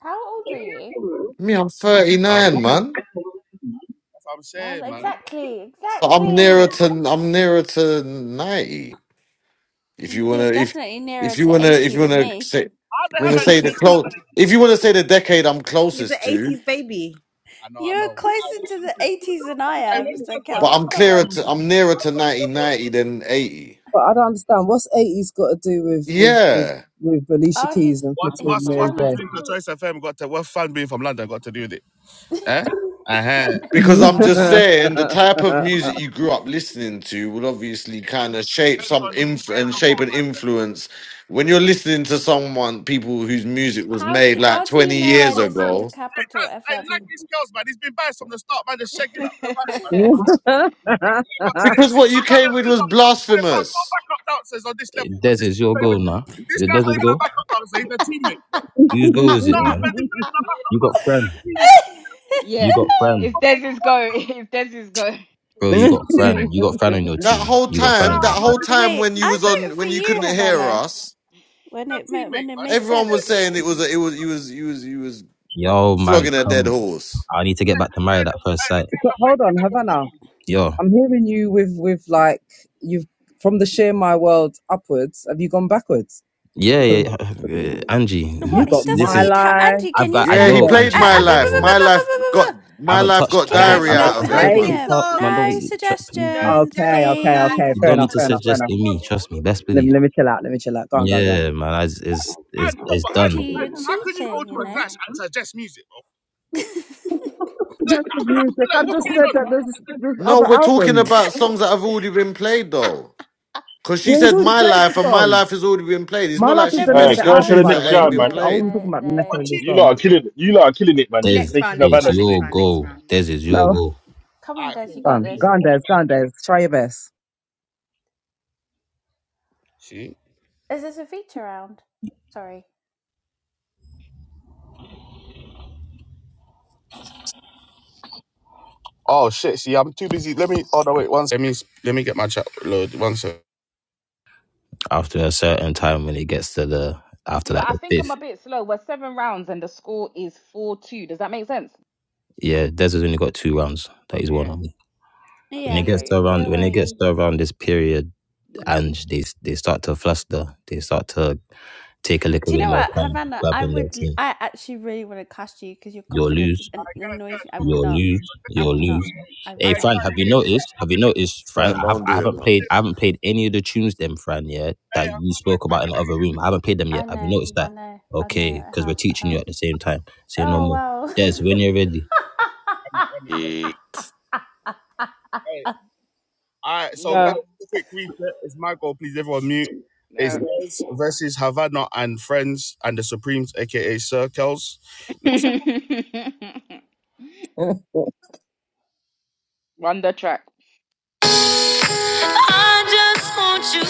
How old are you?
Me, I'm thirty nine, man.
Oh, exactly,
So I'm nearer
exactly.
to I'm nearer to ninety. If you wanna,
You're
if
definitely nearer
if you
to
wanna, if
80
you
than
wanna
me.
say, if you wanna say the close. If you wanna say the decade I'm
He's an
closest to,
80s baby.
You're closer to the 80s than I am, so
but
Kels,
I'm
come
clearer
on.
to I'm nearer to 1990 than eighty.
But I don't understand. What's 80s got to do with with with,
Yeah,
with Alicia
Oh,
Keys
he's
and
he's
flipping Mary
trying
J?
to.
because I'm just saying the type of music you grew up listening to will obviously kind of shape some inf- and shape an influence when you're listening to someone people whose music was
how do
made like
how do you
20
know I
years
listen to
ago.
Capital FM?
mm, mm.
Because what you came with was blasphemous.
Des, is your goal now. Is it Des's goal? Whose goal is it, man? You got Fran.
Yeah,
You got Fran.
if there's is go, if there's is go,
Bro, you got Fran. You got Fran on your
That
team.
whole
You got
if
Fran on
time, that
your team.
whole time
Wait,
when you
I
was
voted
on,
for
when you
you,
couldn't hear
Havana,
us,
when it when it made
everyone was
sense.
saying it was, a, it was, you was, you was, you was
Yo, man,
flogging a dead
come.
horse.
I need to get back to marry that first sight.
Hold on, Havana.
Yo.
I'm hearing you with with like you've from the share my world upwards. Have you gone backwards?
Yeah,
Because
yeah. yeah. Uh, Angie,
you
What he
got
this
doesn't
my
is.
need help.
life.
Auntie,
I've
can you
got. I
Yeah,
stop?
You
he
know,
got
played
Angie,
ah,
my
ah,
I
life. My
know.
life got,
I
my
haven't
life
touched.
got
I
Can you
haven't.
Guys,
diary
I
no
got.
out
stop
I
of here,
still
helping
got
hey.
the
suggesting
man.
him?
card, man.
songs.
Don't
No
please, please.
No
suggestions,
Okay,
suggestions,
okay,
guys.
please.
okay.
You
Fair
Let's
don't
enough.
need
go,
to
Fair
let's
enough. Fair
go.
suggest
enough.
to me. Trust me. Best
Let
believe.
me let me chill out. Let me chill out. Go on, go on, go on.
Yeah, man. It's it's it's, it's
Andy,
done.
you're cheating, you know?
Suggested music. I just said that there's this this
No,
other
we're talking
album.
about songs that have already been played though. Cause she
Yeah, he's
said
already
my
played the
life, and my
song.
life has already been played. It's
My
not
life
like
is
no,
she's
the
but
name of
Alright,
she
the
mentioning
go to
album,
asked
the
tunes
by the
that
next
way.
ain't
Not
round,
this.
been
man.
the
I wasn't
played.
the
talking about
the
necessarily the
You lot
song.
are killing it. You lot are killing it, man. You're
There's
Next
making
round, next
it's
Havana
round, next
state.
your
round, next round.
goal. There's is
Let's
your
No,
goal.
come on Des, you
go
got
on, go
this.
on, Des, go on, Des. Try your best.
Is this a feature round? Sorry.
After a certain time, when it gets to the
you
after
know,
like
I
the
think I'm
fifth,
a bit slow. We're seven rounds and the score is four two. Does that make sense?
yeah, Des has only got two rounds that he's won
Yeah.
on me. When
Yeah,
it
Okay.
gets
Yeah.
to around
you're
when it
right.
gets to around this period,
Yeah.
and
Mhm.
they they start to fluster, they start to take a little
Do you
bit
know
more
what,
time
Havana? I
grabbing their
would,
team.
I actually really want to cast you because your
You'll lose
confidence an- annoys me. I will
You'll
not.
lose.
I
You'll
will not.
lose.
I will
Hey,
not.
Fran, have you noticed? Have you noticed, Fran?
Fran,
I have.
don't
I
do it,
haven't
man.
played. I haven't played any of the tunes, them, Fran. Yeah, that you spoke about in the other room. I haven't played them
I
yet. Have you
know.
noticed
I
that?
know. I know.
Okay,
I
because we're
have. I
teaching you
have.
at the same time. Say no
Oh
more.
wow.
Des, when you're ready.
No. No.
I'm
Run the track.
I just want you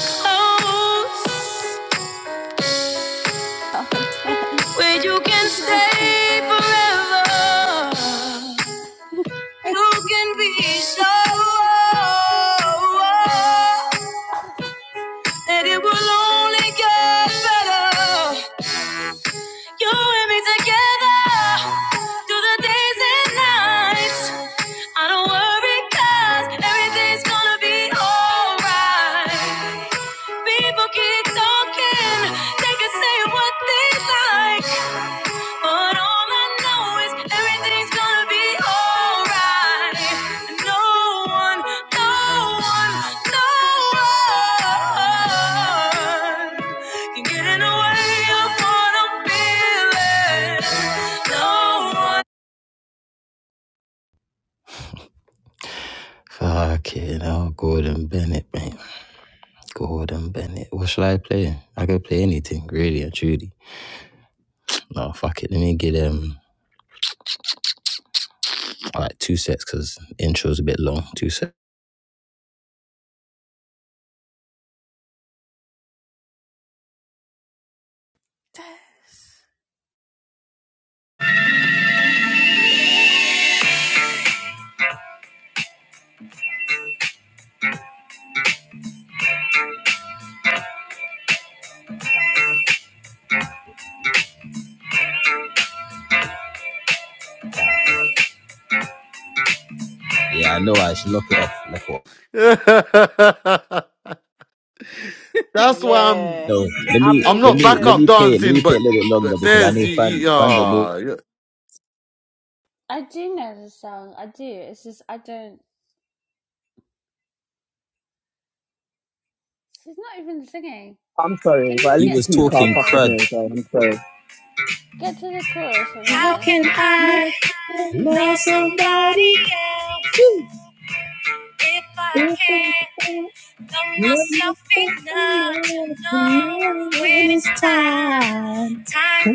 close,
oh, Des.
where you can
No.
stay forever. You can be so. oh, oh, oh.
Oh, Des.
And it will only get better. You and me together through the days and nights. I don't worry, 'cause everything's gonna be alright. People keep talking, they can say what they like. But all I know is everything's gonna be alright. No one, no one, no one can get in the way of what I'm feeling. No one.
Fucking hell, Gordon Bennett, man. Gordon Bennett. What should I play? I could play anything, really and truly. No, fuck it. Let me get um like two sets because intro's a bit long. Two sets. Yeah, I know. I should knock it off. Knock it off.
Shit. That's why
guys, this
I'm
Yeah.
is
No, let
just.
I'm
me
not
I'm
even
let
not
me let
backup
me
listen.
play it. Let me
dancing,
play it
but
a little bit longer
but
because I
there's
know
you.
Fran
you
Fran don't know.
ah, you-
I do know the song. I do. It's just I don't. She's not even singing.
sorry,
Can
but
you
at
He
least the
get
was
to
keys
the
can't
talking
fuck
chorus?
with
crud.
me. Okay? I'm sorry.
Get to the chorus,
How
Havana.
can I love somebody else if I can't love myself enough to know when it's time time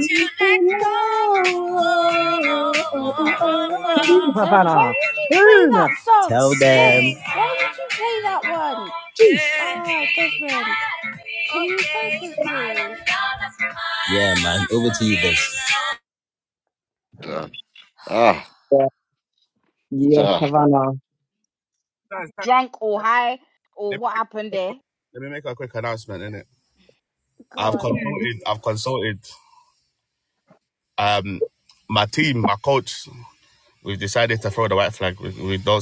to
My heart is breaking.
let
Des,
go?
why
Havana.
would you play
Tune.
that song?
Tell
Des,
them.
why would you play that one?
Jeez.
Ah, Desmond. Can you focus, please?
Yeah, man. Over to you, Des.
ah, ah,
Yeah, yes,
ah.
Havana.
Drunk or high or what happened there?
Go on.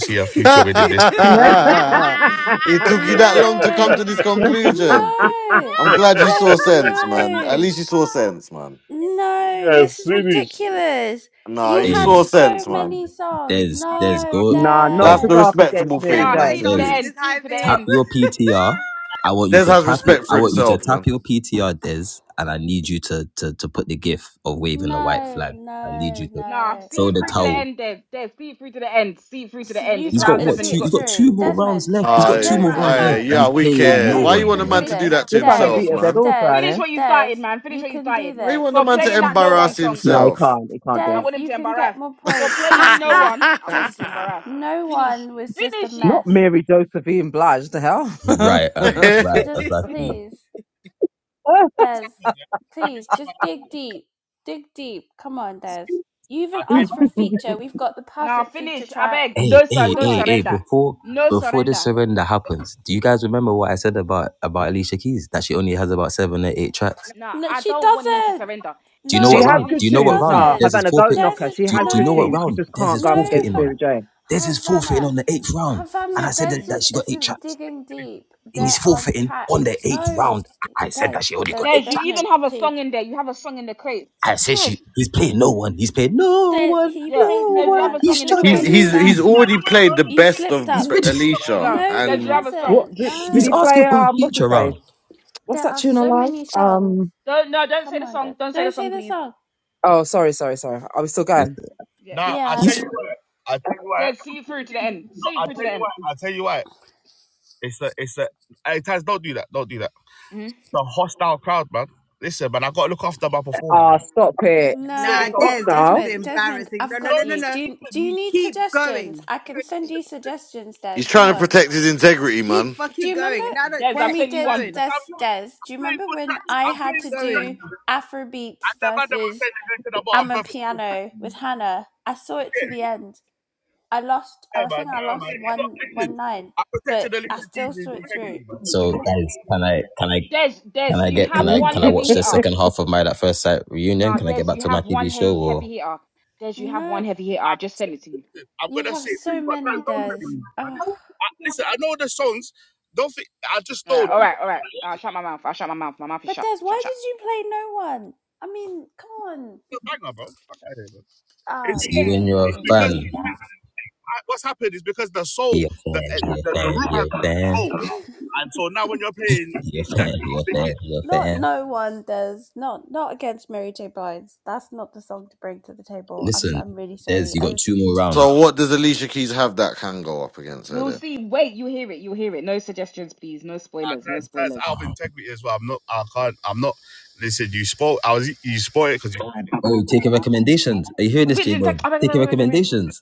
it took you that long to come to
No.
this conclusion.
No.
I'm glad you saw
Des,
go.
sense, man. At
no.
least you saw sense, man.
No,
As
this is
soon as
ridiculous.
No,
You
he
Hey,
had
saw
so
sense, man.
many songs.
Des, Des,
No,
go,
No. nah,
Des,
not
That's
to
the
Des.
go up against
respectable
Mary
Dad
thing,
Nah.
man,
J.
See
started
to
it to
Des.
the
dancing
do.
in
end.
his
See
high
it to the
vis.
Tap
end.
your PTR. I want you
Des
to
has
tap your.
respect
I
for
want you to
himself,
tap
man.
your PTR, Des, and I need you to to to put the gif of waving the white
No,
flag. I need you
no,
to
Nah,
no.
see
throw
it
the
through to the
towel.
end, Des. Des, see it through to the end. See it through to
So
the end.
you
It's
He's got
got
round
to
what
seven.
see
You
two?
it
He's
got
got
through.
two more rounds
Desmond,
left. He's got
two
two
more
I,
more
rounds. I
rounds
Desmond,
I,
left,
know,
and
yeah,
but
he's
see it through
playing
to the
wicked.
no
Desmond,
Why
end.
you
you
one,
want a
can
bro.
man
do
to
Finish,
do
this.
that to
You're trying to
Des,
finish
beat
himself,
her
what,
dead
man?
horse,
Des,
Annie.
finish what you
Des,
started, man. Finish
you
what you
can do
started.
Why you
this.
want a
For
You
man
can
to
playing that
finish
no one
embarrass
this.
song,
No, he
himself?
can't. He can't
I
do
Des,
it.
want him
you
to
can get
embarrass.
more
For
points.
playing
Trust
no
me.
one, I want him
Just,
to embarrass.
no
Finish,
one was just a
finish it.
Not
mess.
Mary Josephine Blige, the hell?
Right, and right,
Just
exactly.
please.
Uh,
Des, please just dig deep. Dig deep. Come on, Des. You even asked for a feature. We've got the
Nah,
perfect feature
finish. I
track.
beg.
Hey,
No, sur-
hey,
Come
don't
hey,
on.
hey!
surrender.
Before
No
before the
surrender.
surrender happens, do you guys remember what I said about about Alicia Keys that she only has about seven or eight tracks?
Nah,
No,
I
she
don't want him to
doesn't.
surrender.
Do you
He
know
she
what
must
No,
has
round?
good
Do you
she
know
finish.
what
tunes.
round?
No,
doesn't.
There's his
Havana, don't
forfeit.
Des
knock her.
is
She
Do, you,
has
do you
good
know what
no,
tunes. She
round?
just
d-
There's
can't go
his
up
no
forfeiting
against Mary
Hav-
on.
J.
There's his forfeiting
Havana,
on the eighth round, and I
Havana.
said
Des
that,
Mm-mm.
that
just
she got eight
isn't
tracks.
digging deep.
And he's
There are
forfeiting on the
tracks.
eighth
No,
round. I said
Des,
that she only
Des,
got
Des,
eight
you
tracks.
even
Desmond,
have a
please.
song in there. You have a song in the crate.
I said
Finish.
she he's playing no one. He's playing no
Des,
one,
he
Yeah,
played
no
no
did you
one.
have a
one. I
He's
song in
don't
the
know why
he's
you
crates?
did
he's
that.
he's
struggling.
already played the
You
best
slipped
of
up.
He's
B-
ready.
Alicia,
No,
No, he
did you have
and
a song?
What
hasn't.
did, did
He's
he
No.
asking
play?
for a
Um, what's his
feature
face?
round.
What's
There
that
are
tune
so
alive?
many songs.
Um,
Don't, no, don't say
Come
the
on, Des.
song. Don't say the
Don't say
song,
the
please.
song.
oh, sorry, sorry, sorry. Are we still going.
Yeah,
Yeah.
Des,
He's
Des, see it through to the end. See it through to the end. hmm
Ah, stop it.
nah,
No,
What's
no.
Des, this
that?
is
Desmond, Desmond,
embarrassing. No,
I've
no,
got
no, no,
you. Do
no.
you, do you
You
need
keep
suggestions?
going.
I can send you suggestions, Des.
he's
Come
trying to
on.
protect his integrity,
Keep
man.
Do
fucking
you remember
going. And I don't
Des,
when
care.
I've
we
sent
Keep
you
did
one.
going.
Des Des? Do you remember when I had
Keep
to do
going.
Afrobeats versus I'm a piano with Hannah? I saw it to the end. I lost I think I lost one one nine, but I still saw it through.
so guys. Can I? Can I?
Des, Des,
Can I
you
get? Can
have
I?
mm
one
Can I
heavy
watch the
hitter.
second half of my that first sight reunion?
No,
Can I
Des,
get back
you
to my
have
TV
one
show?
he-
Or
heavy hitter. Des, you have one
No,
heavy hitter. I just sent it to you.
You have so many, Des. Oh,
All right, all right, all right. I'll shut my mouth. I'll shut my mouth. My mouth is
But
shut.
Des,
Shut,
why
shut.
did you play no one? I mean, come on. Ah,
is you and
no, not
your
really.
fan? He a fan. He a fan. He a fan. He a fan. He a fan. He a
Not
fan.
no one, Des. Not not against Mary J. Blige. That's not the song to bring to the table. I'm
Listen,
I'm really
Des,
sorry.
you got
As
two more round.
So what does Alicia Keys have that can go up against her?
We'll
There,
see. Wait, you hear it. You hear it. No suggestions, please. No spoilers. No spoilers.
Oh, taking recommendations. Are you hearing this,
Which in
J-Bone?
text?
Taking
Oh
recommendations.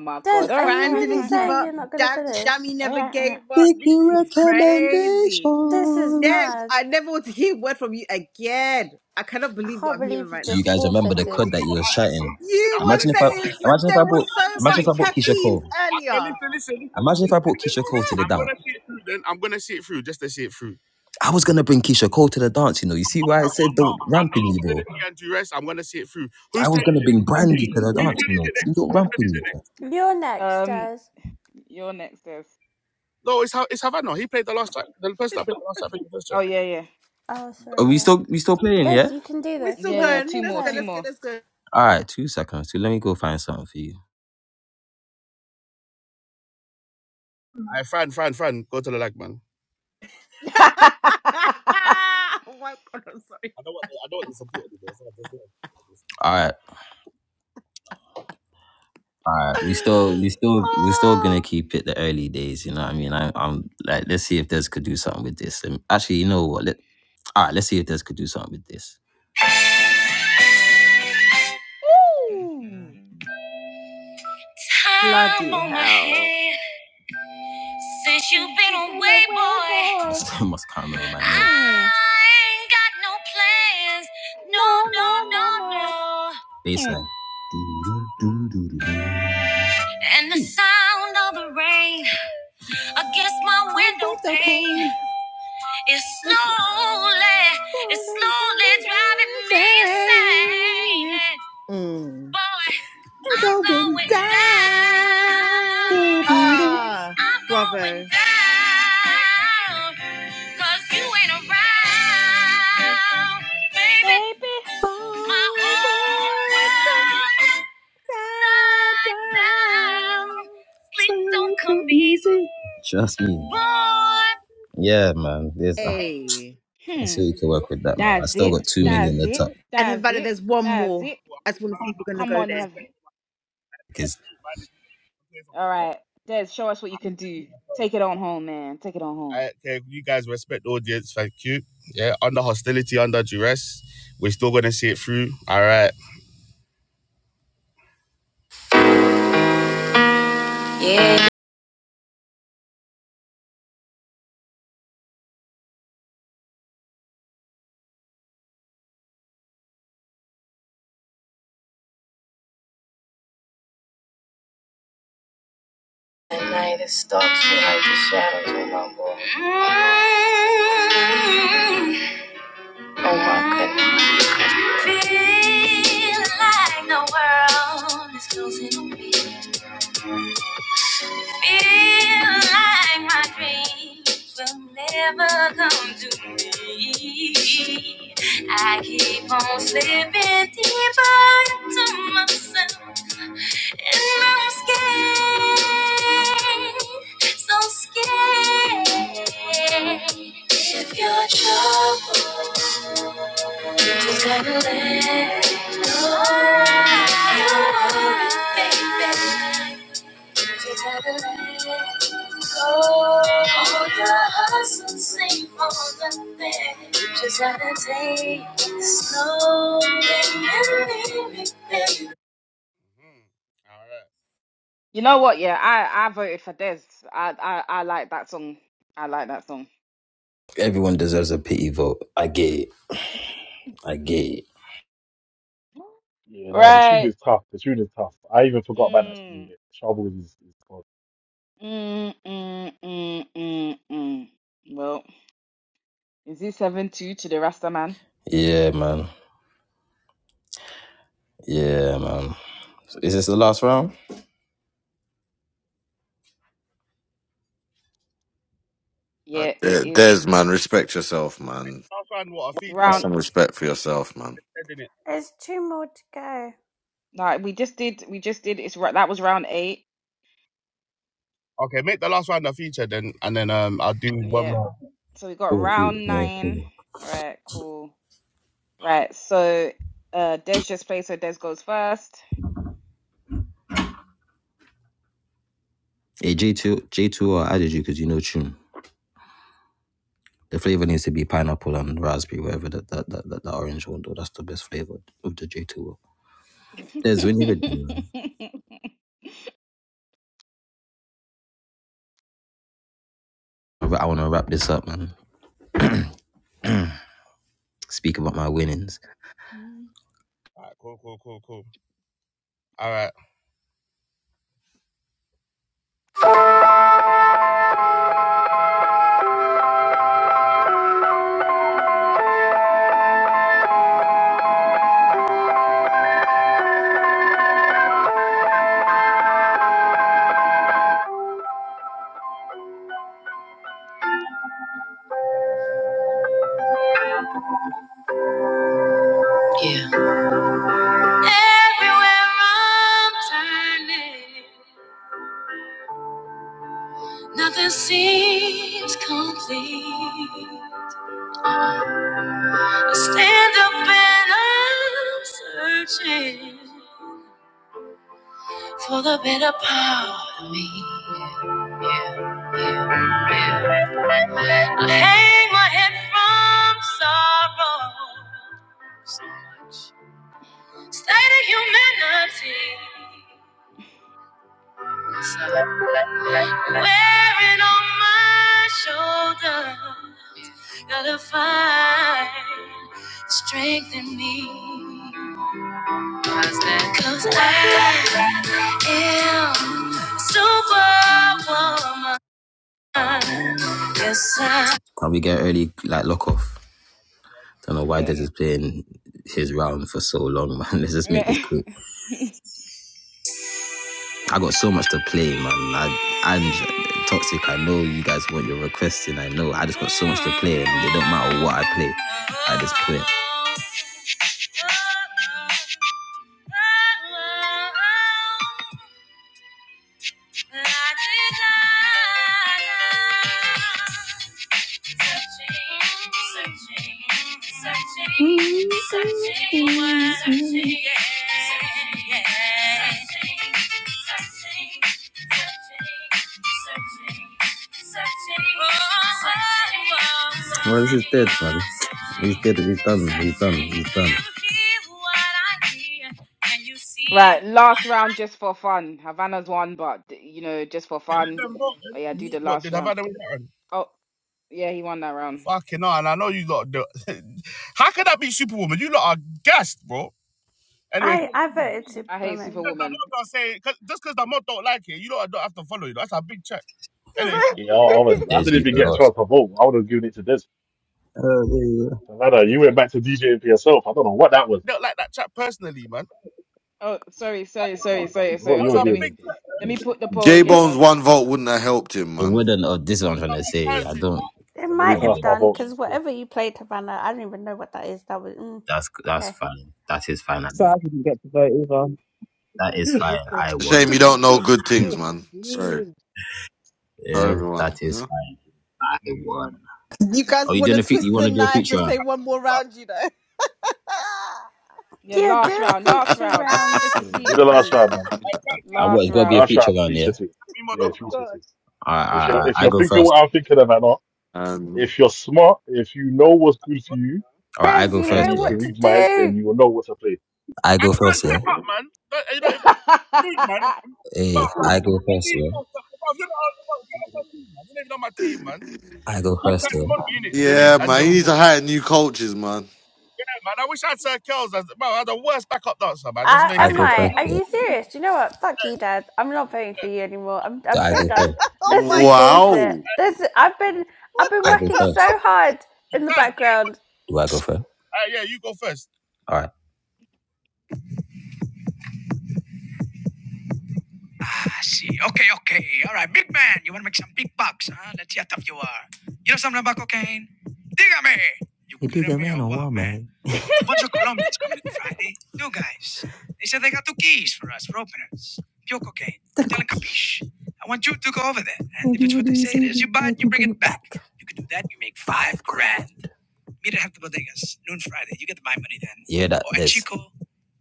my
Des,
god. All
are
right, all right, all
you
Fran
right, all
really
didn't
right.
give
saying you're
up.
not gonna
Dam-
finish?
Dammy
All
never
right, all
gave up. This
Taking
is crazy.
This is
recommendations.
Des,
mad.
I never want to hear a word from you again. I cannot
I
believe what
can't
I'm
believe
hearing
you
right
Do
now.
you
just
guys remember the
forfeited.
crud that you was chatting?
You were
Imagine if I
saying so,
imagine if I
there
brought
was so
imagine
much
if I brought Keisha
chatteens
Cole.
earlier.
Imagine if I brought Keisha Cole to the dance. I was gonna bring Keisha Cole to the dance, you know. You see why I said don't ramp in me, bro. I was gonna bring Brandy to the dance, you know. See, don't ramp in me. bro.
You're
right.
next,
Um,
Des.
your next is. Oh yeah, yeah,
Oh,
Are
sorry,
we
yeah.
still we still playing,
There's
yeah?
you can do
We're
this.
still
yeah,
Yeah, we
yeah.
going.
Two
still
Let's
more,
go.
two
play.
Let's go.
more.
Let's go.
All right, two seconds. So let me go find something for you.
oh my god! I'm sorry.
All right. All right, we still, we still, we still gonna
Oh
keep it the early days. You know what I mean? I, I'm like, let's see if Des could do something with this. Um, Actually, you know what? Let, all right, let's see if Des could do something with this.
Ooh.
Time
bloody
on my
hell!
hand since you've been
you've Been
away,
away,
boy.
boy.
That's the most common in my name.
Hmm.
I ain't got no plans. No,
No,
no,
no,
no,
no, no.
no.
Hmm.
Baseline. And the sound of the rain against my
My
window
window
pane
pane.
is
It's
slowly, it's slowly driving me insane.
Mm.
Boy,
I'm
I'm
going
going
down.
down.
Ah,
I'm going
bravo.
down, cause you ain't around, baby.
baby.
Forward,
My whole
down,
world upside
down.
down. Sleep don't come easy. Trust me. Boy. Yeah, man. There's, uh,
Hey.
I see
Hmm.
if we can work with that, man. I
That's
still
it.
got two million in
That's
the
it.
top
And
That's
Havana,
it.
there's one
That's
more.
it.
I just want to see if we're going to
Come
go
on,
there.
have.
because
All right, Des, show us what you can do. Take it on home, man. Take it on home.
At night it stalks me like the shadows on my wall. Mm. Oh my goodness. Feel like the world is closing on me. Feel like my dreams will never come to me. I keep on slipping deeper into myself. And I'm scared, so scared. If you're troubled, you just gotta let it go. You want it, baby. Oh, the hustle, save all the things. Just gotta take it slowly and name it, baby.
You know what? Yeah, I I voted for Des. I I I like that song. I like that song.
everyone deserves a pity vote. I get it. I get it.
yeah, no, the tune
Right.
is tough. The tune is tough. I even forgot about that tune.
Mm,
Bit. Trouble is, is tough.
mm, mm, mm, mm, mm. Well, is it seven two to the Rasta man?
Yeah, man. Yeah, man. Is this the last round?
uh,
Yeah, it
there-
is.
there's man, respect yourself, man.
It's
Have
round.
some respect for yourself, man.
There's two more to go.
No, we just did. We just did. It's ro- that was round eight. Yeah. So we got
Oh, dude.
round
Yeah,
nine.
cool.
Right. Cool. Right. So, uh, Des just played. So Des goes first.
Hey, J2, J2 or added you because you know tune. The flavor needs to be pineapple and raspberry, whatever that that, that, that, that orange one though. That's the best flavor of the J2. There's when you ready. man. But I want to wrap this up, man. Speak about my winnings.
Yeah. Everywhere I'm turning, nothing seems complete. I stand up and I'm searching. for the better part of me. Yeah, yeah, yeah. yeah. I hang my head from sorrow so much. State of humanity. Yes, Wearing on my shoulder. Gotta find strength in me. Cause, that, Cause I am superwoman. Yes, I.
Can we get early like lock off? Don't know why
yeah.
Des is playing his round for so long, man. Let's just make this quick. I got so much to play, man. I and toxic. I know you guys want your requests in. I know. I just got so much to play, and it don't matter what I play at this point. Searching, searching, searching, yeah, yeah. searching. searching, searching, searching, searching. What is is dead, buddy. He's dead. He's done. He's done. He's done.
Right, last round just for fun. Havana's won, but you know, just for fun. Oh yeah, do the last round. Oh yeah, he won that round.
I I voted
I hate
Superwoman.
Superwoman.
Yeah, I, I was. I
There's
didn't
you
even get a
lost.
chance to vote. I would have given it to this.
Oh, there you go.
Savannah, you went back to DJing for yourself. I don't know what that was.
Oh, sorry, sorry,
I don't
sorry, sorry,
know
sorry.
what you were
Okay, let
doing,
me
man.
let me put the poll
J
again.
Bone's
On
one vote wouldn't have helped him,
It
man.
wouldn't. Oh, this is what I'm trying to say. I don't.
It
Yeah, let me
might have
cast my
done
vote. though,
because
still.
whatever you played, Havana, I don't even know what that is. That was mm,
That's that's
okay.
fine. That is fine.
So
Abi.
I didn't get to vote either.
That is fine.
It's
I
a
won.
shame you
Okay.
don't know good
yeah,
things, man. Sorry, not
Yeah, that
everyone. You
is
know?
fine. I won.
You guys
Oh, you
want
doing
to
a fe- You
twist
want
the
to do a
knife
feature
and say
round?
one more round, you know?
yeah,
Yeah, do
last
a
round, last
feature
round,
round.
just
Ah,
to see
do
it
the last
through.
round, man.
I what?
Last
It's got to be a
round.
Last
feature
round,
round, yeah.
feature team. Yeah, feature team.
Gosh.
All right, all
If
right, all
you're
right.
if
I
you're
go
thinking
first.
what I'm thinking about, not
Um,
if you're smart, if you know what's good for you,
All right, I
Des,
go
you
and
first,
know
you
yeah.
what
can
to
read minds, then
do.
you will know what to play.
I go first, yeah. Hey, I go first, yeah. I go first, yeah.
yeah, man. He needs to hire new coaches, man.
Uh,
I
am
go
I?
first,
Are
yeah.
you serious? Do you know what? Fuck you, Dad. I'm not voting for you anymore. I'm
Do
I'm
I
so
go
done.
first?
oh
This is
my god,
bullshit.
Wow.
This I've been I've
what
been
I
the
go
working
first.
so hard in the background
Do I go first? All right. Ah, I see. Okay, okay. All right, big man. You want to make some big bucks, huh? Let's see how tough you are. You know something about cocaine? Dígame. You Hey, dig kidding me man or or what, what, man? man? A bunch of Colombians coming in Friday. New guys. They said they got two keys for us, for openers. Pure cocaine. The Tell them cookie. capiche. I want you to go over there. And if it's what they say it is, you buy it, you bring it back. You can do that, you make Five grand. Meet at Hector Bodegas, noon Friday. You get the buy money then. Yeah, that Or at Chico,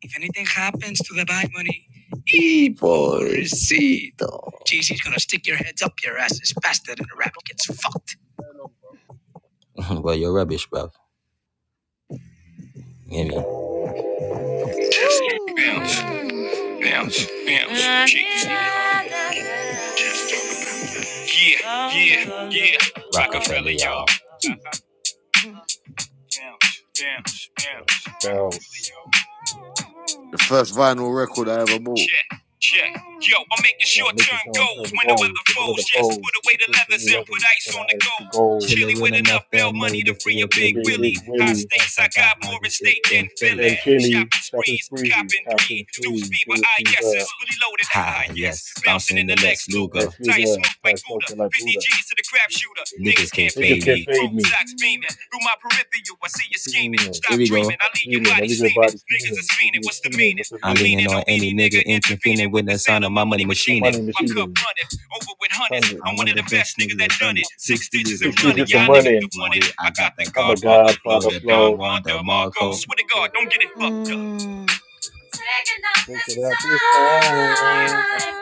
if anything happens to the buy money, y pobrecito. JC's gonna stick your heads up your asses faster than a rabbit gets fucked. well, you're rubbish, bro. You hear Bounce,
Ooh.
bounce, bounce. Shake
Mm.
Yeah, yeah, yeah. Rockefeller, y'all. y'all.
Mm.
Bounce, bounce, bounce.
Bells,
Rockefeller,
bells.
y'all.
The first vinyl record I ever bought.
Check, check. Yo, I'm making
You know,
short
making
term
sure I'm
goals
telling the
when the
goals,
weather
with the, with
flows.
the
Yes, put
poles,
away the
with the
leathers
three
and put
levers,
ice
but
on
the
the
ask the
gold. Chilly
goals.
with enough bail money to
As
free
long
a
as they
big big
be big
willie. High
Willie,
stakes, I got more at stake than than Philly.
then Philly,
Shopping
Shopping
sprees,
Sprees,
copping three.
Captain
Deuce
Free,
fever,
Dennis
I yeses,
Fever,
fully loaded. Ah, ah, yes. yes. Bouncing in the Lex Luger.
Let's
Tire
Hugo,
smooth like
that's
Buddha.
smoking like
50
Buddha.
G's to the crap shooter. Niggas can't
Niggas
fade
can't
me.
fade
Chrome
me.
socks beaming. Through my peripheral, I see you scheming.
Seeming,
Stop dreaming, I
stop
leave your
dreaming. I
body
leave your
steaming.
body
Niggas
steaming.
is fiending,
Niggas is
what's the
feeding.
meaning?
What's the
I'm
meaning?
leaning on any nigga intervening with the sound of my money
My
machining.
money
My cup
machining.
running over with hundreds.
Hundreds.
I'm one of the best niggas that done it. Six digits
Six
and running.
digits
Y'all
I'm
niggas
running.
don't want it. I got the
I'm the
Godfather blow,
Godfather
the Don
flow.
Juan, the Marco. Swear to God, don't get it fucked up.
Mm.
Taking up
Pick
this
it up, it's time.
time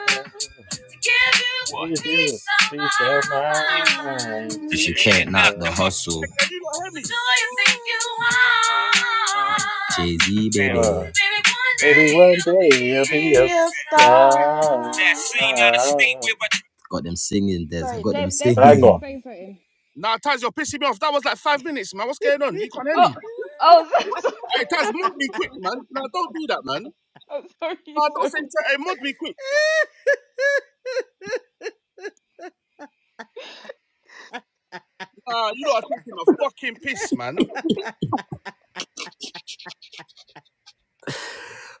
to give you what?
If you was
peace of
peace of
my
my mind,
mind. Cause
kill it
you
boss
can't knock
you
the hustle. What do you think you are? Jay Z,
ya.
baby. Baby, one
Uh, maybe
day
one
you'll be
day it'll be a
Your
star.
that
star.
scene out of state where I got them singing, Des. I
Sorry,
got
Des,
them
Des, Des was
Tango.
singing.
saying something.
hell?
Oh, oh, sorry, sorry, sorry, sorry. sorry.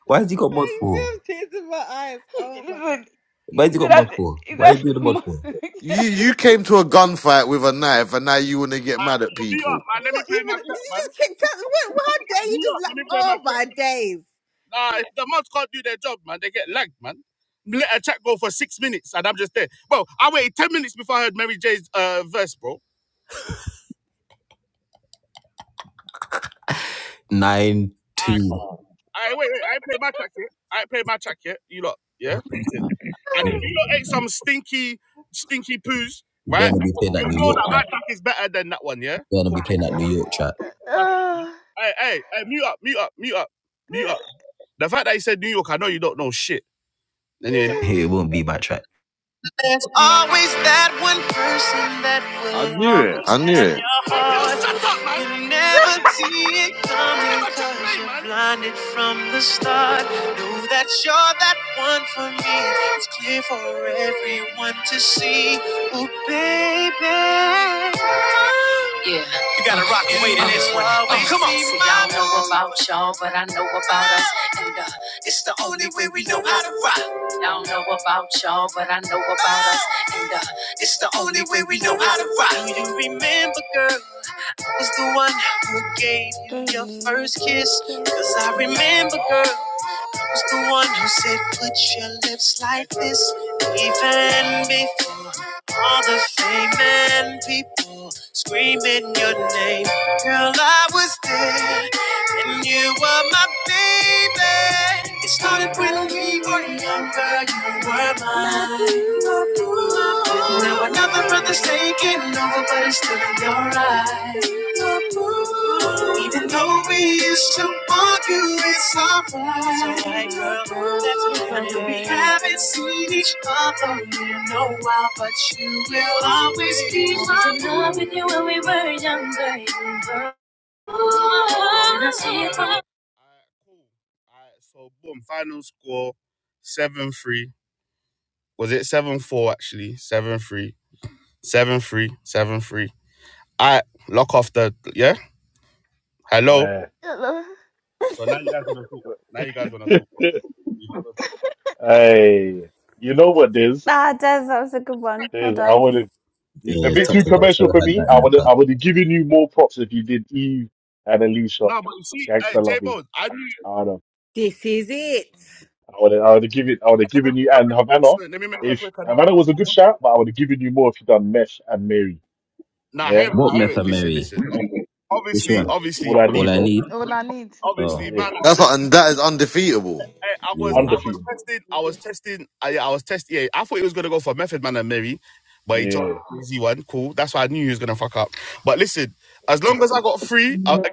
Why has he got mod
I
for?
just tears in my eyes. Oh my days.
Listen,
Why has
you
he
did
got mod
that.
for?
Is
Why are
that
you doing the
your
mod
mom?
for?
Did
You
that
you
your-
came to a gunfight with a knife, and now you want to get mad at people.
Not even did you just kick cut? What, how dare you just like? Oh my days.
Nine two. God, you better not be playing that New York track. You better not be playing that New York track.
Uh,
It won't be my track.
There's always that one person that
I
will
knew it.
always
I knew it.
haunt. You never see it coming. Blinded from the start. Know that you're that one for me. It's clear for everyone to see. Oh, baby. Yeah. in this one. Oh, oh, come on. See, I don't know about y'all, but I know about us. And uh, it's the only way we know how to rock. I don't know about y'all, but I know about us. And uh, it's the only way we know how to rock. Do you do remember, girl, was the one who gave you
Gave
your
you your
first kiss?
first kiss.
Cause I
Do you?
remember, girl was
Oh!
the one who said, Put your lips like this, even before all the fame and people screaming your name. Girl, I was there, and you were my baby. It started when
Started
we
when
were
we was
younger, you
younger,
were
you were
My
mine.
mine.
boo,
But now another brother's taking over, but it's still in your
my
eyes.
boo.
Even though we used to argue, it's
It's
alright.
alright, girl. It's
When we
okay.
haven't seen each other in a while, but you will always be my love with you when we were younger. younger.
Well,
Hello.
hey, you know what, Diz?
Ah, Des, that was a good one. Well
Diz, I
done.
would have. It's a
Yeah,
bit too
Toxic. I
commercial
still
for
had
me.
that
I
in the
would I
cup.
would have given you more props if you did Eve and Alicia. Gangster loving. I don't know.
This is it.
I would have, I would have given I would have given you and Havana if Havana was a good shot, but I would have given you more if you done Mesh and Mary. Yeah,
What Meth and Mary? Which one?
all I
All
need,
I
bro.
need?
All I
Oh,
Yeah,
That's not, and that is undefeatable.
yeah.
undefeated. Yeah,
Mm.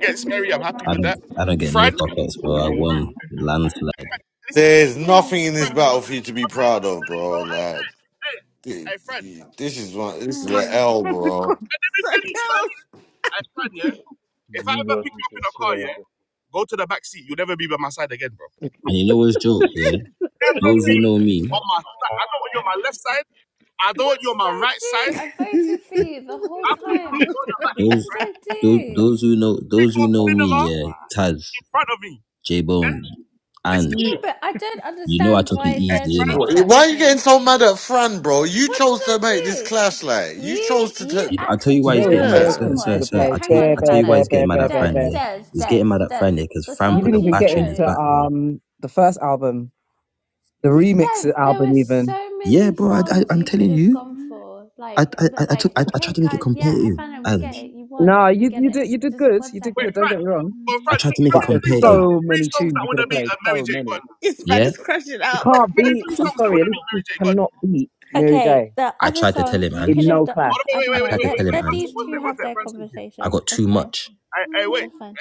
I don't I don't get no fuck ups,
it's
bro. I won
crazy.
landslide.
There's
Yes,
nothing in this
Des.
battle for you to be proud of, bro. Like th- this is one. This is an
Hmm.
L, bro.
Good. So girls,
You got me to swear,
And you know what's joke, yeah? Those who know me,
What did I do? I voted for you the whole time. What
those
did I
those
do?
those who know those who know me, yeah, Taz, J Bone, and
bro.
No, but I don't
you know I
understand
took it
why Des
easy,
is
innit?
upset
Why are
with
you getting
me.
so mad at Fran, bro? You
What did
chose
I
to make this
do?
clash. Like you
You
chose to.
you
You
T-
I tell
actually
you
do
why
you
he's
There
know
was
what
getting
the
mad,
bare
yeah.
sir,
problem
tunes you
sir,
could
was?
have
sir.
No,
I
played.
hang
tell you
on,
Bear,
I tell
bear,
you why
Havana.
bear,
he's getting
bear,
mad
bear,
at
bear,
Des
Fran,
bear.
yeah.
Des
He's
Des
getting mad at
Des.
Fran, yeah, because
The
Fran
You
put
songs
didn't
the
you
even get
battery in his
into
chose,
back, bro.
um the first album, the
Des.
remix
There were
album even.
so
Yeah,
many
bro, I, I
songs
I'm
you could
telling
have
you.
gone
need.
for.
I
Like
I,
that.
I I
Like
took I, I tried
okay,
to make it
guys. Yeah,
competitive
Havana, we
and
get it. You won.
No,
We
you
get
you
it.
did you did
Just
good.
one
You did good.
second.
Don't get me wrong.
I tried to make it
But there's
competitive.
so many tunes you could have played. So many.
it's bad.
Yeah.
It's crashing
You
out.
can't beat. I'm sorry. At least you cannot beat Mary
Okay,
J.
the
I
other
tried to tell
songs
him,
you could
In
Ange.
have
no
done.
clash.
Oh, I don't
I
know.
tried to
Let
tell him,
let
Ange.
these two have their
I
conversation.
got
That's
too
fine.
much.
That's fine.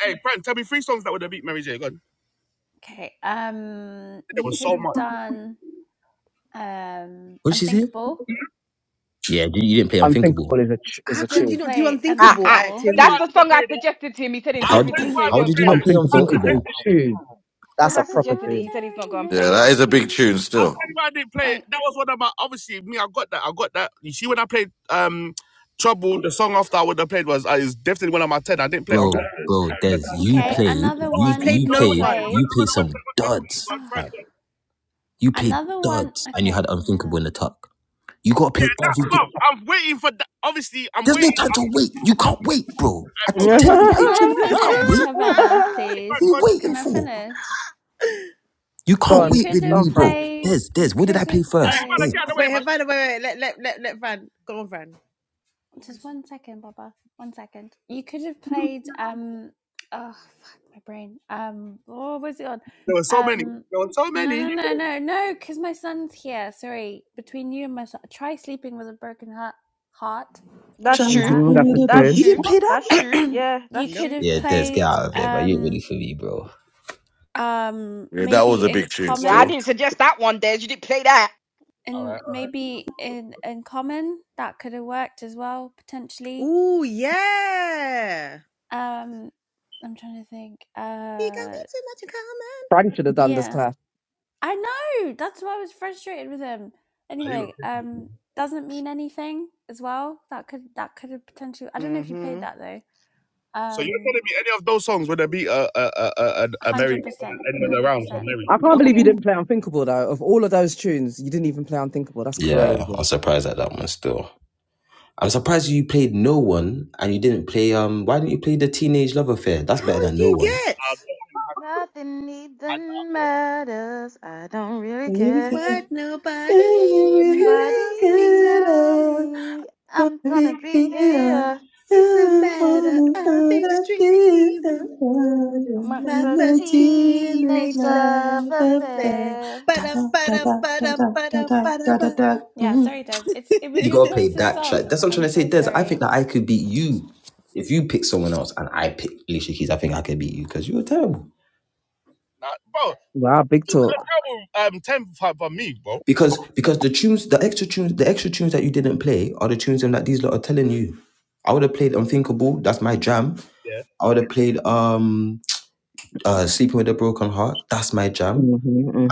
Okay. Um, you could have done um
What did she say?
unthinkable
Yeah, you you didn't play Unthinkable.
Unthinkable is a ch- is
You
How
a
could
didn't
you
tune.
not do
play
Ah,
unthinkable? I
ah.
actually
Unthinkable.
agree
That's
with
the
that one.
song I suggested to him. He said
I
How d-
integrity, so he
how
won't
did you
play
not
it.
play
Unthinkable is a
Unthinkable,
tune. That's
Because
a
I
proper
suggested it,
was
tune.
he said he's not going to
Yeah,
play
wondering
it.
that is a big
maybe.
tune still.
Like,
bro? Bro, Des, you
okay,
played.
another
You
You
one you
played
you
could
no
have
played.
one.
played.
You played some duds.
Ah,
fam. You played
another one.
duds, and you
Okay,
had
hang
Unthinkable
on.
in the tuck. You gotta play everything. There's no time to wait. You can't wait, bro. I keep telling you, why are
Can
you trying
I
to? You can't
finish,
wait.
Havana,
What
please?
are you waiting
Can I
for?
finish?
You
Go
can't
You
on.
wait
could
with
Go
have
on,
me,
Fran.
bro.
played.
Des, Des,
You
what did
could
I play
have
first? Des,
played.
wait, Havana, wait, wait, let let let let Van go on, Van.
Just one second, Baba. One second. You could have played um oh fuck my brain. Um oh, was it on? Um no no no no no because my son's here. Sorry. Between you and my son try sleeping with a broken heart heart. You could have
That's
played
Trying
true.
to do
that.
hmm that's a
that, bro.
That's
shame.
You
true.
didn't play that.
That's true. Yeah,
you
that's
Nope.
could
true.
have
Yeah,
That's
Des,
true.
get
played
out of here, but you ain't really
um
for me, bro.
um
Yeah, that
maybe
was a
in
big tune
Yeah, I
still.
common
didn't suggest that one, Des. You didn't play that.
and maybe in in common that could have worked as well potentially
Ooh yeah.
um i'm trying to think
You got
uh
way too much in common.
Frank should have done this
Yeah.
class.
I know. That's why I was frustrated with him. Anyway, um doesn't mean anything as well. That could that could have potentially I don't know if you played
Mm-hmm.
that though. Um hundred percent. Hundred percent.
I
It
can't
could
believe you
have
didn't play Unthinkable though. Of all of those tunes, you didn't even play Unthinkable. That's
Yeah,
crazy.
I'm surprised at that one still. I'm surprised you played No One and you didn't play um why didn't you play the Teenage Love Affair? That's better
How
than No
you
One.
get
Nothing even matters. I don't really care.
what nobody
Nobody
tells me?
tell me I'm gonna be here.
It's a matter of extreme importance.
My
My
first
first
teenage
teenage love
love
affair.
affair.
Ba-da, ba-da, ba-da, ba-da, ba-da, ba.
Yeah, sorry Des. It's it was
You
your
gotta play
choice of
that track.
songs.
That's what I'm
I'm
trying to say,
so
Des. I
sorry.
think that I could beat you if you pick someone else and I pick Alicia Keys. I think I could beat you because you were terrible.
Wow, big talk.
Because because the tunes, the extra tunes, the extra tunes that you didn't play are the tunes that these lot are telling you. I would have played Unthinkable. That's my jam. I would have played um uh Sleeping with a Broken Heart. That's my jam.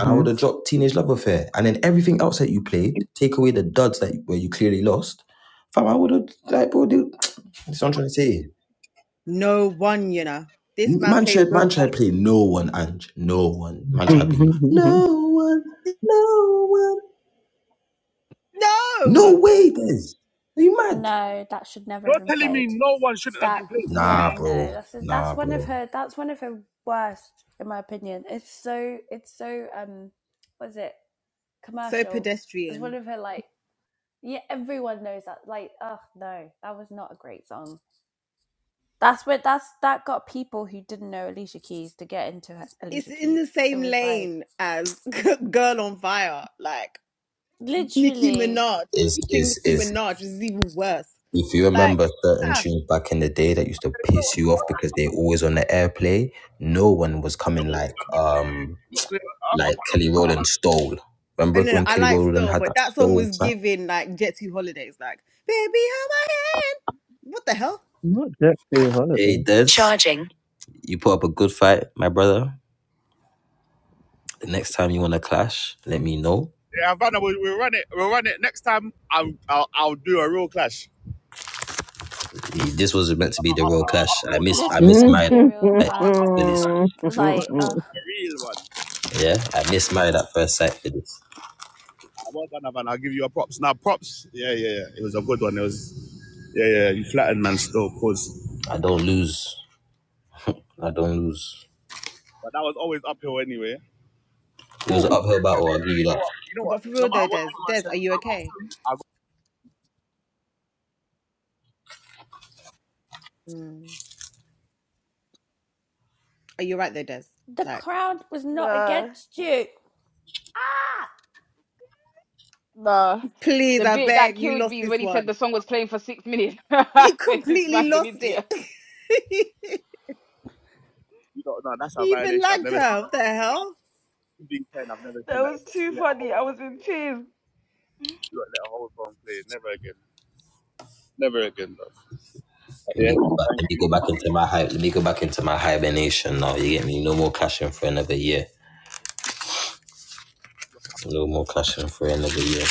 And I would
mhm.
have dropped Teenage Love Affair. And then everything else that you played, take away the duds that where you clearly lost. Fam, I would have like, bro, dude, that's what I'm trying to say.
No one, you know. This man
Man
played
tried,
no
man
one.
tried playing no one and no one. Man tried being no one, no one. No
No!
way, Des. Are you mad?
No, that should never have been played. That
Nah,
yeah, no,
bro.
that's
Nah,
that's one of
bro.
her that's one of her worst in my opinion. It's so it's so um what is it?
So
Commercial. It's one
pedestrian.
of her like Yeah, everyone knows that. Like, oh no, that was not a great song. That's what that's that got people who didn't know Alicia Keys to get into her-
It's
Alicia
in
Keys.
the
It
same
was like
lane as Girl on Fire. Like, Nicki
literally
Minaj
Is
featuring
is
Nicki
is
Minaj is even worse.
if you
Like,
remember certain
ah,
tunes back in the day that used to piss you off because they always on the airplay, no one was coming like um like Kelly Rowland stole. Remember
and then
when
I
Kelly
like
Rowland
still,
had
but
that
that song
stole
was
track?
giving like Jetty Holidays, like "Baby, hold my hand." What the hell?
Not Jet
Hey,
Holiday.
Des. Charging. You put up a good fight, my brother. The next time you want to clash, let me know This was meant to be the real clash. I miss
this
I
was
miss
meant to
my
be a real
for
clash.
this.
Like, ugh,
Yeah, I miss married at first sight for this. I don't lose. I don't lose. It was an uphill battle. I'll give you that.
But for real though, Des, Des, are you okay? Mm. Are you right though, Des?
the
Like,
crowd was not against you. Ah.
The
please,
the
I
bit that
beg, you
killed
lost
me is
this
when he said
one.
the song was playing for six minutes. I
You
said, this
completely
man's an
lost it.
idiot.
you even lagged her. What the hell?
That was too funny. I was in tears.
Let me go back. Let me go back into my hype. Let me go back into my hibernation now. You get me? No more clashing for another year. No more clashing for another year.